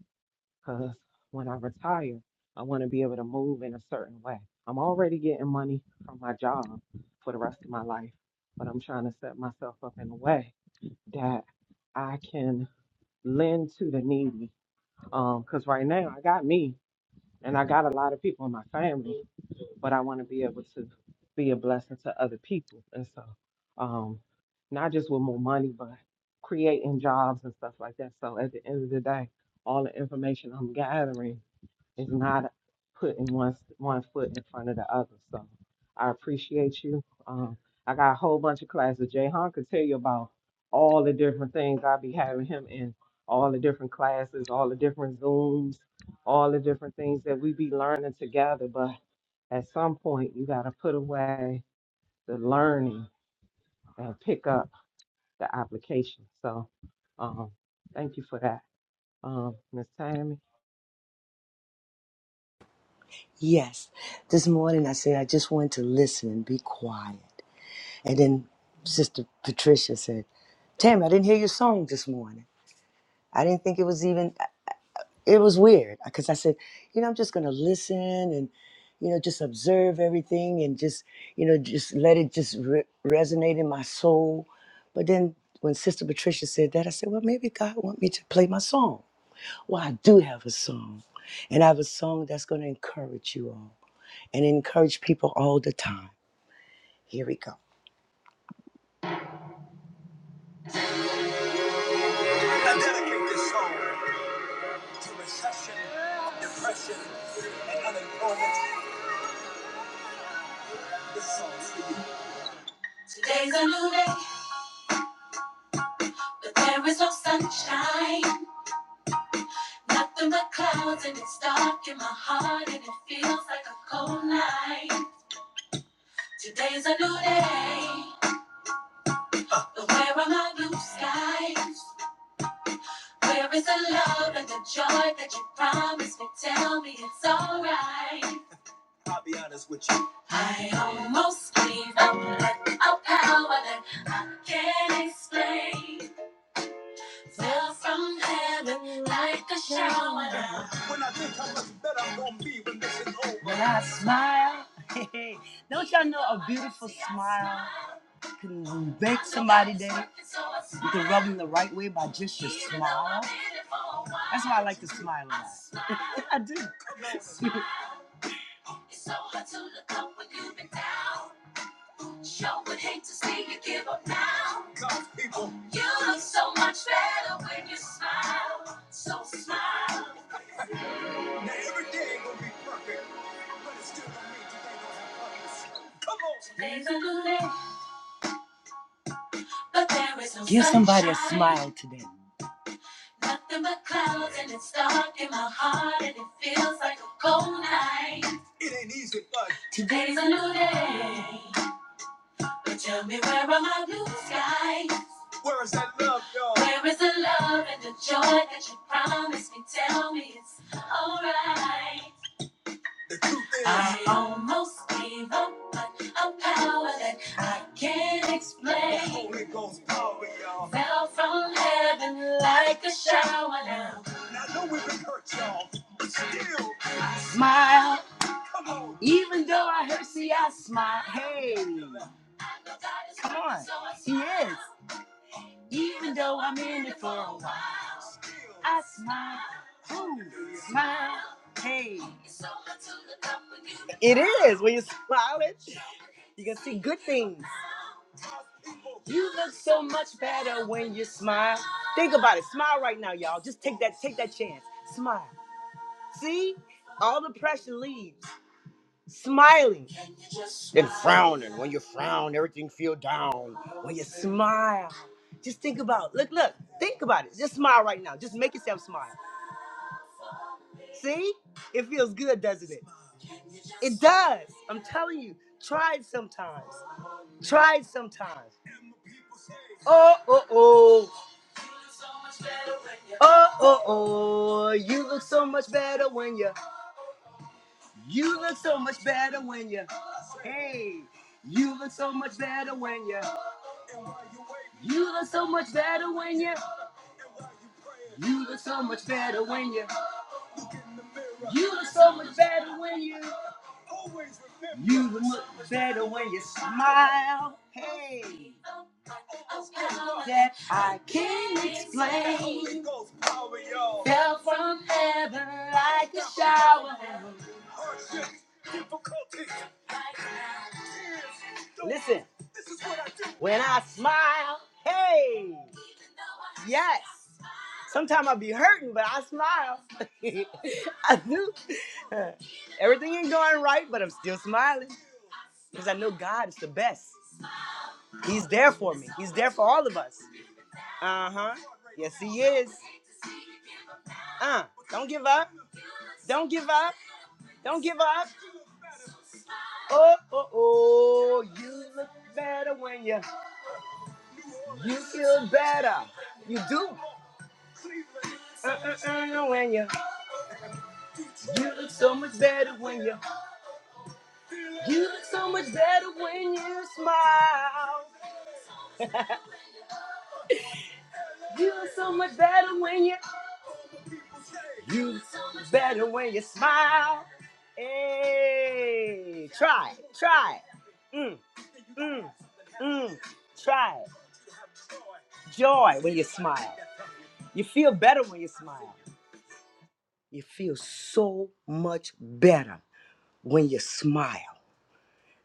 Speaker 2: because when I retire, I want to be able to move in a certain way. I'm already getting money from my job for the rest of my life, but I'm trying to set myself up in a way that I can lend to the needy Um, Cause right now I got me and I got a lot of people in my family, but I want to be able to be a blessing to other people. And so, um, not just with more money, but creating jobs and stuff like that. So at the end of the day, all the information I'm gathering it's not putting one one foot in front of the other. So I appreciate you. Um, I got a whole bunch of classes. Jay Hahn could tell you about all the different things I be having him in, all the different classes, all the different Zooms, all the different things that we be learning together. But at some point, you got to put away the learning and pick up the application. So um, thank you for that, um, Ms. Tammy.
Speaker 7: Yes. This morning I said I just wanted to listen and be quiet. And then Sister Patricia said, Tammy, I didn't hear your song this morning. I didn't think it was even, it was weird because I said, you know, I'm just going to listen and, you know, just observe everything and just, you know, just let it just re- resonate in my soul. But then when Sister Patricia said that, I said, well, maybe God want me to play my song. Well, I do have a song and I have a song that's going to encourage you all and encourage people all the time. Here we go. I dedicate this song to recession, depression, and unemployment. This song. is- Today's a new day, but there is no sunshine. Nothing but clouds, and it's dark in my heart, and it feels like a cold night. Today's a new day, but where are my blue skies? Where is the love and the joy that you promised me? Tell me it's alright. I'll be honest with you. I almost gave up, but a power that I can't explain fell from heaven like a shower. down. When I think how much better I'm gonna be when this is over. When I smile. Don't y'all know a beautiful smile can make somebody day? You can rub them the right way by just your smile. That's why I like to smile a lot. I do. It's so hard to look up when you've been down. Sure would hate to see you give up now. God's people. You look so much better when you smile. So smile. Now every day gonna be perfect, but it's still gonna mean today gonna have purpose. Come on. Days are good, day, but there is no Give sunshine. somebody a smile today. Nothing but clouds and it's dark in my heart and it feels like a cold night. It ain't easy, but today's a new day. Tell me where are my blue skies? Where is that love, y'all? Where is the love and the joy that you promised me? Tell me it's alright. The truth is, I almost gave up, but a power that I can't explain. The Holy Ghost power, y'all. Fell from heaven like a shower now. And I know we've been hurt, y'all, but still. Smile. Even though I hurt, see, I smile. Hey, come on. He is. Even though I'm in it for a while, I smile. Ooh, smile. Hey. It is. When you smile, it, you can see good things. You look so much better when you smile. Think about it. Smile right now, y'all. Just take that, take that chance. Smile. See? All the pressure leaves. smiling than frowning. When you frown, everything feel down. When you smile, just think about look, look, think about it. Just smile right now. Just make yourself smile. See? It feels good, doesn't it? It does. I'm telling you. Try it sometimes. Try it sometimes. Uh oh. Uh oh oh yeah. Telling you, you, you must smile. explain. Felt like a shower. Listen, when I smile, hey, yes. Sometimes I be hurting, but I smile. I do. Everything ain't going right, but I'm still smiling because I know God is the best. He's there for me. He's there for all of us. Uh huh. Yes, He is. Uh, don't give up. Don't give up. Don't give up. Oh, oh, oh. You look better when you you feel better. You do. Uh-uh-uh, when you you look so much better when you you look so much better when you smile. You look so much better when you you look so much better when you smile. Hey, try, it, try. it. Mm, mm, mm. Try. it. Joy when you smile. You feel better when you smile. You feel so much better when you smile.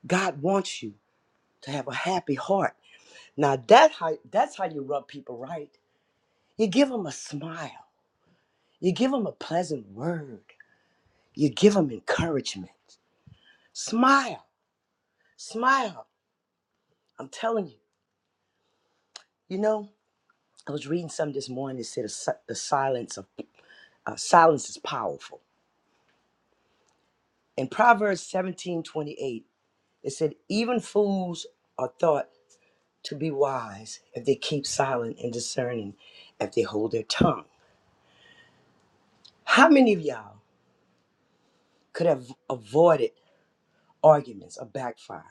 Speaker 7: God wants you to have a happy heart. Now that how, that's how you rub people right. You give them a smile. You give them a pleasant word. You give them encouragement. Smile, smile. I'm telling you. You know, I was reading something this morning. It said a si- the silence of uh, silence is powerful. In Proverbs 17:28, it said even fools are thought to be wise if they keep silent and discerning if they hold their tongue. How many of y'all could have avoided arguments or backfire?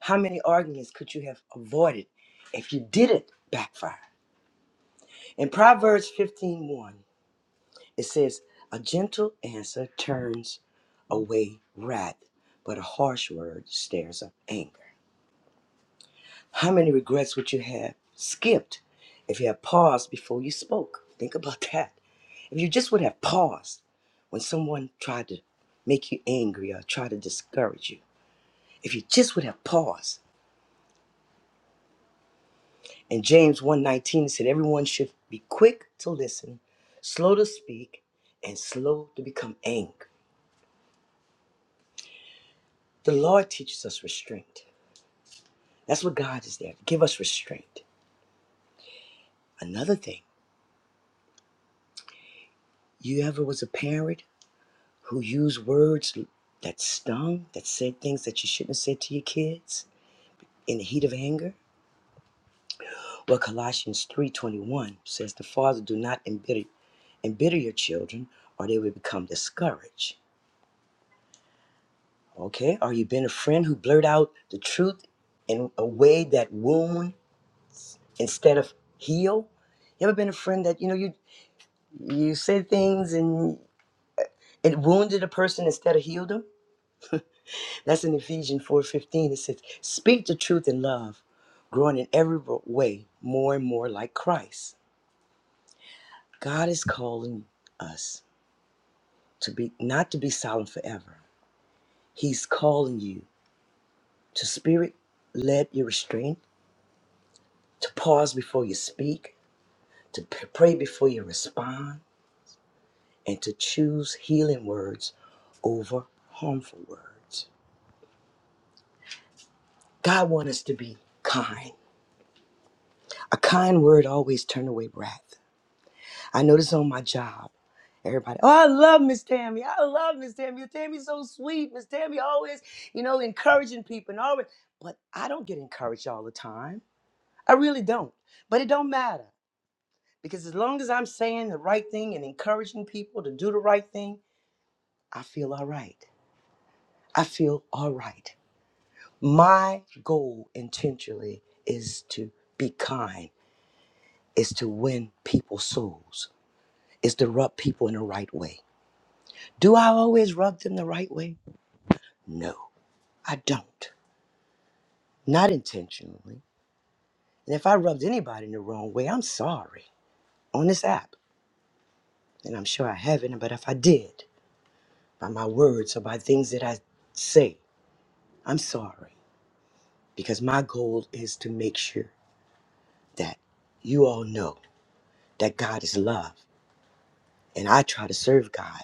Speaker 7: How many arguments could you have avoided if you didn't backfire? In Proverbs fifteen one, it says, A gentle answer turns away wrath, but a harsh word stirs up anger. How many regrets would you have skipped if you had paused before you spoke? Think about that. If you just would have paused when someone tried to make you angry or try to discourage you, if you just would have paused. And James one nineteen said everyone should be quick to listen, slow to speak, and slow to become angry. The Lord teaches us restraint. That's what God is there. to Give us restraint. Another thing, you ever was a parent who used words that stung, that said things that you shouldn't have said to your kids in the heat of anger? Well, Colossians 3.21 says, The father do not embitter, embitter your children, or they will become discouraged. Okay? Are you been a friend who blurt out the truth in a way that wound instead of heal? You ever been a friend that, you know, you you said things and it wounded a person instead of healed them? That's in Ephesians 4.15. It says, Speak the truth in love, growing in every way more and more like Christ. God is calling us to be not to be silent forever. He's calling you to spirit led your restraint, to pause before you speak, to p- pray before you respond, and to choose healing words over harmful words. God wants us to be kind. A kind word always turn away wrath. I notice on my job, everybody, oh, I love Miss Tammy. I love Miss Tammy. Miss Tammy's so sweet. Miss Tammy always, you know, encouraging people and always, but I don't get encouraged all the time. I really don't. But it don't matter because as long as I'm saying the right thing and encouraging people to do the right thing, I feel all right. I feel all right. My goal intentionally is to be kind, is to win people's souls, is to rub people in the right way. Do I always rub them the right way? No, I don't. Not intentionally. And if I rubbed anybody in the wrong way, I'm sorry on this app. And I'm sure I haven't, but if I did, by my words or by things that I say. I'm sorry because my goal is to make sure that you all know that God is love and I try to serve God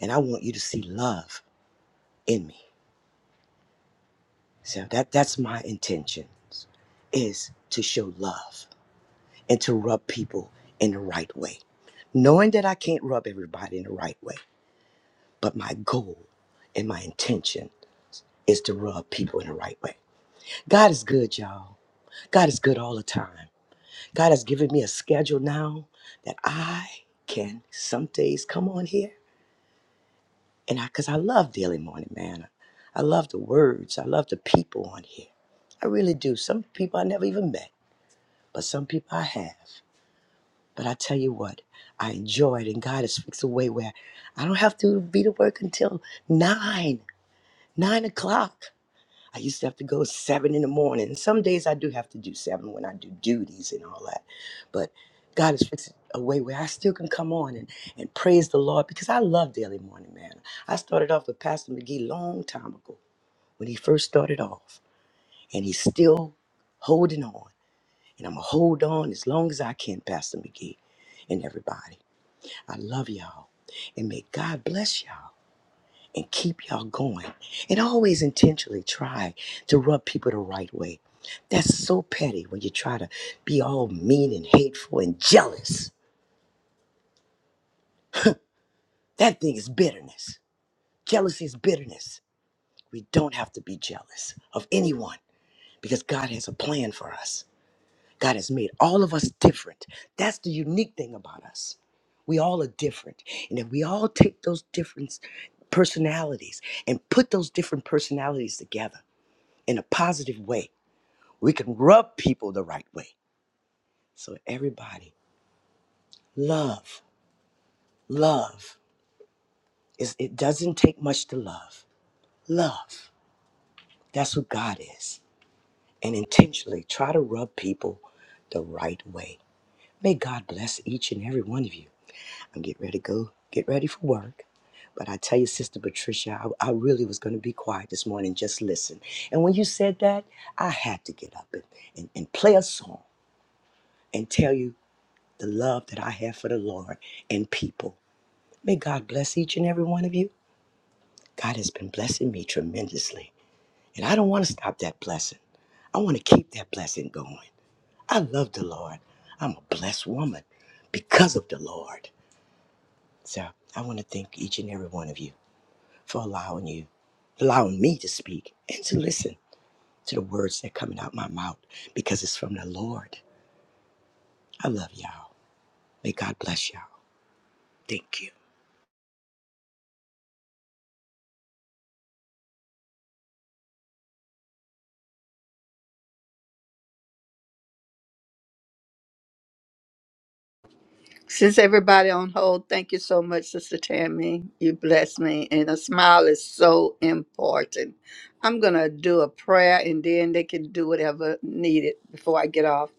Speaker 7: and I want you to see love in me. So that that's my intentions is to show love and to rub people in the right way. Knowing that I can't rub everybody in the right way, but my goal and my intention is to rub people in the right way. God is good, y'all. God is good all the time. God has given me a schedule now that I can some days come on here and I because I love Daily Morning Manna. I love the words. I love the people on here. I really do. Some people I never even met, but some people I have. But I tell you what, I enjoy it and God has fixed a way where I don't have to be to work until nine, nine o'clock. I used to have to go seven in the morning. And Some days I do have to do seven when I do duties and all that. But God has fixed a way where I still can come on and, and praise the Lord because I love Daily Morning Man. I started off with Pastor McGee long time ago when he first started off, and he's still holding on. And I'm going to hold on as long as I can, Pastor McGee and everybody. I love y'all, and may God bless y'all and keep y'all going. And always intentionally try to rub people the right way. That's so petty when you try to be all mean and hateful and jealous. That thing is bitterness. Jealousy is bitterness. We don't have to be jealous of anyone because God has a plan for us. God has made all of us different. That's the unique thing about us. We all are different. And if we all take those different personalities and put those different personalities together in a positive way, We can rub people the right way. So everybody, love, love. Is it doesn't take much to love. Love. That's who God is. And intentionally try to rub people the right way. May God bless each and every one of you. I'm getting ready to go. Get ready for work. But I tell you, Sister Patricia, I, I really was going to be quiet this morning, just listen. And when you said that, I had to get up and, and, and play a song and tell you the love that I have for the Lord and people. May God bless each and every one of you. God has been blessing me tremendously. And I don't want to stop that blessing. I want to keep that blessing going. I love the Lord. I'm a blessed woman because of the Lord. So I want to thank each and every one of you for allowing you, allowing me to speak and to listen to the words that are coming out my mouth because it's from the Lord. I love y'all. May God bless y'all. Thank you.
Speaker 5: Since everybody on hold, thank you so much, Sister Tammy. You bless me, and a smile is so important. I'm gonna do a prayer, and then they can do whatever needed before I get off.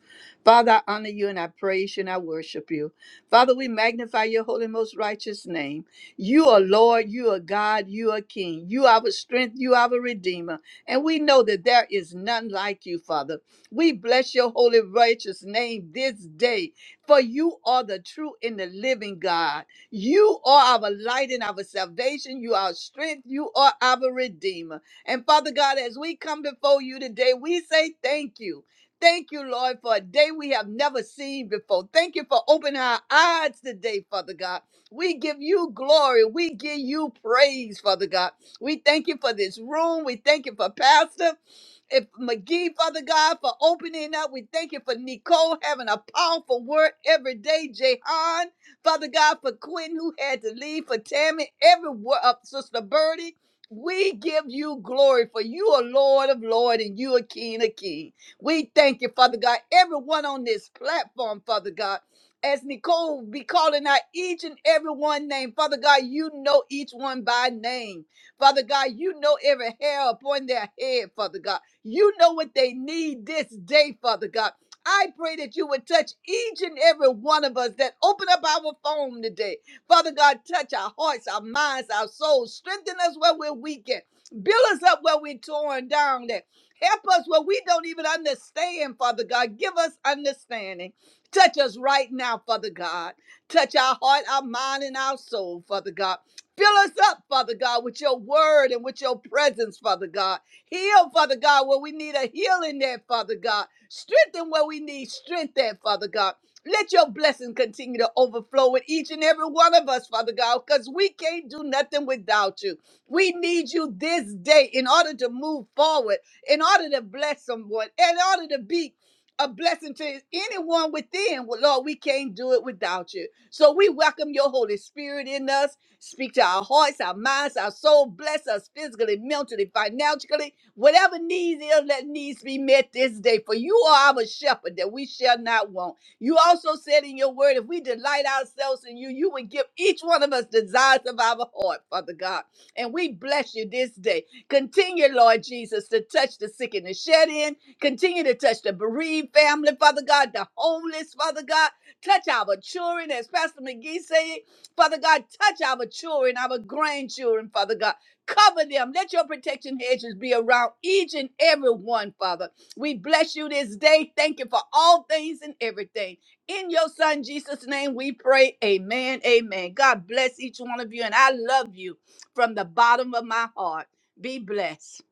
Speaker 5: Father, I honor you and I praise you and I worship you. Father, we magnify your holy, most righteous name. You are Lord, you are God, you are King, you are our strength, you are our Redeemer. And we know that there is none like you, Father. We bless your holy, righteous name this day for you are the true and the living God. You are our light and our salvation. You are our strength. You are our Redeemer. And Father God, as we come before you today, we say thank you. Thank you, Lord, for a day we have never seen before. Thank you for opening our eyes today, Father God. We give you glory. We give you praise, Father God. We thank you for this room. We thank you for Pastor. If McGee, Father God, for opening up, we thank you for Nicole having a powerful word every day. Jehan, Father God, for Quinn who had to leave, for Tammy, every word up, Sister Birdie. We give you glory for you are Lord of Lord and you are King of King. We thank you, Father God. Everyone on this platform, Father God, as Nicole be calling out each and every one name, Father God, you know each one by name. Father God, you know every hair upon their head, Father God. You know what they need this day, Father God. I pray that you would touch each and every one of us that open up our phone today. Father God, touch our hearts, our minds, our souls. Strengthen us where we're weak at. Build us up where we're torn down at. Help us where we don't even understand, Father God. Give us understanding. Touch us right now, Father God. Touch our heart, our mind, and our soul, Father God. Fill us up, Father God, with your word and with your presence, Father God. Heal, Father God, where we need a healing there, Father God. Strengthen where we need strength there, Father God. Let your blessing continue to overflow with each and every one of us, Father God, because we can't do nothing without you. We need you this day in order to move forward, in order to bless someone, in order to be a blessing to anyone within. Well, Lord, we can't do it without you. So we welcome your Holy Spirit in us. Speak to our hearts, our minds, our soul. Bless us physically, mentally, financially. Whatever needs is that needs to be met this day, for you are our shepherd that we shall not want. You also said in your word, if we delight ourselves in you, you would give each one of us desires of our heart, Father God. And we bless you this day. Continue, Lord Jesus, to touch the sick and the shed in. Continue to touch the bereaved family, Father God, the homeless, Father God. Touch our children, as Pastor McGee said, Father God. Touch our children, our grandchildren, Father God. Cover them. Let your protection hedges be around each and every one, Father. We bless you this day. Thank you for all things and everything. In your Son Jesus' name, we pray. Amen. Amen. God bless each one of you, and I love you from the bottom of my heart. Be blessed.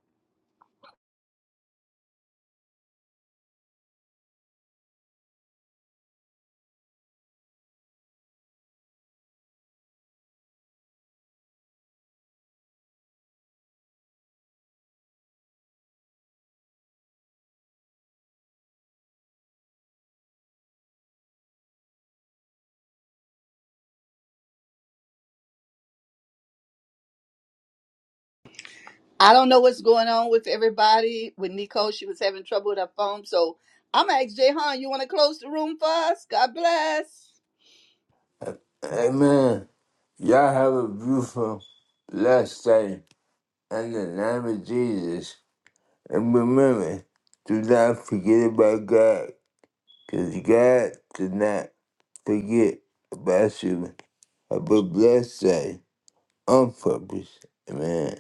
Speaker 5: I don't know what's going on with everybody. With Nicole, she was having trouble with her phone. So I'm going to ask Jay Han, you want to close the room for us? God bless.
Speaker 4: Amen. Y'all have a beautiful, blessed day in the name of Jesus. And remember, do not forget about God, because God did not forget about you. Have a blessed day on purpose. Amen.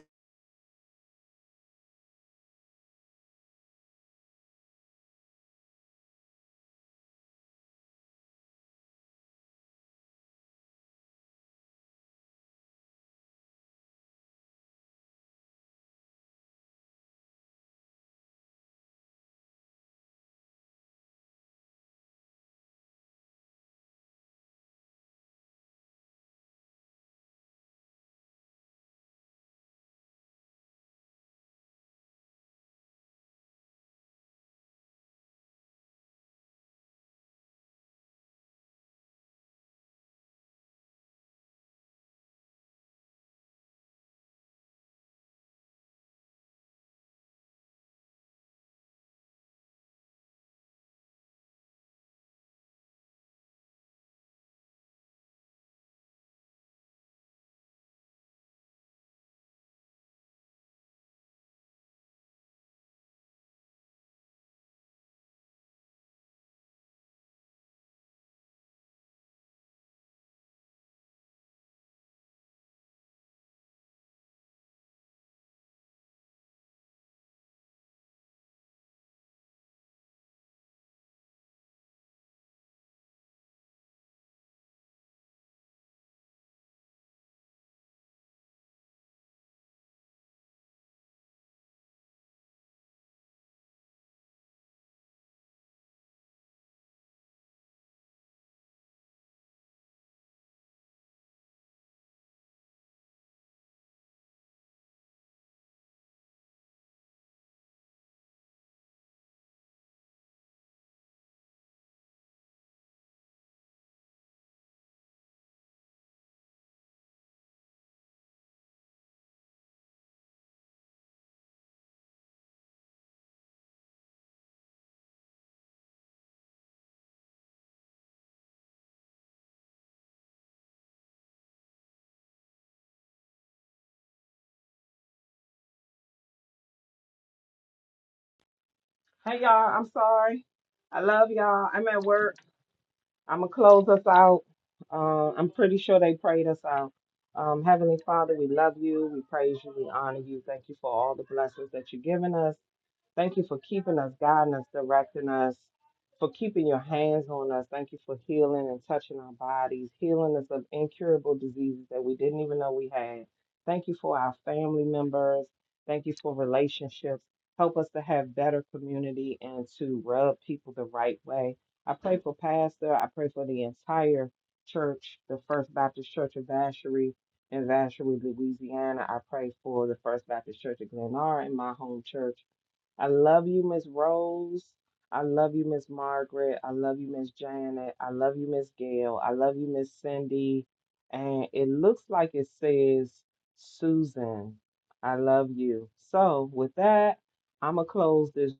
Speaker 2: Hey y'all, I'm sorry. I love y'all. I'm at work. I'm gonna close us out. Uh, I'm pretty sure they prayed us out. Um, Heavenly Father, we love you. We praise you. We honor you. Thank you for all the blessings that you've given us. Thank you for keeping us, guiding us, directing us, for keeping your hands on us. Thank you for healing and touching our bodies, healing us of incurable diseases that we didn't even know we had. Thank you for our family members. Thank you for relationships. Help us to have better community and to rub people the right way. I pray for Pastor. I pray for the entire church, the First Baptist Church of Vacherie in Vacherie, Louisiana. I pray for the First Baptist Church of Glenara in my home church. I love you, Miss Rose. I love you, Miss Margaret. I love you, Miss Janet. I love you, Miss Gail. I love you, Miss Cindy. And it looks like it says Susan. I love you. So with that, I'm gonna close this.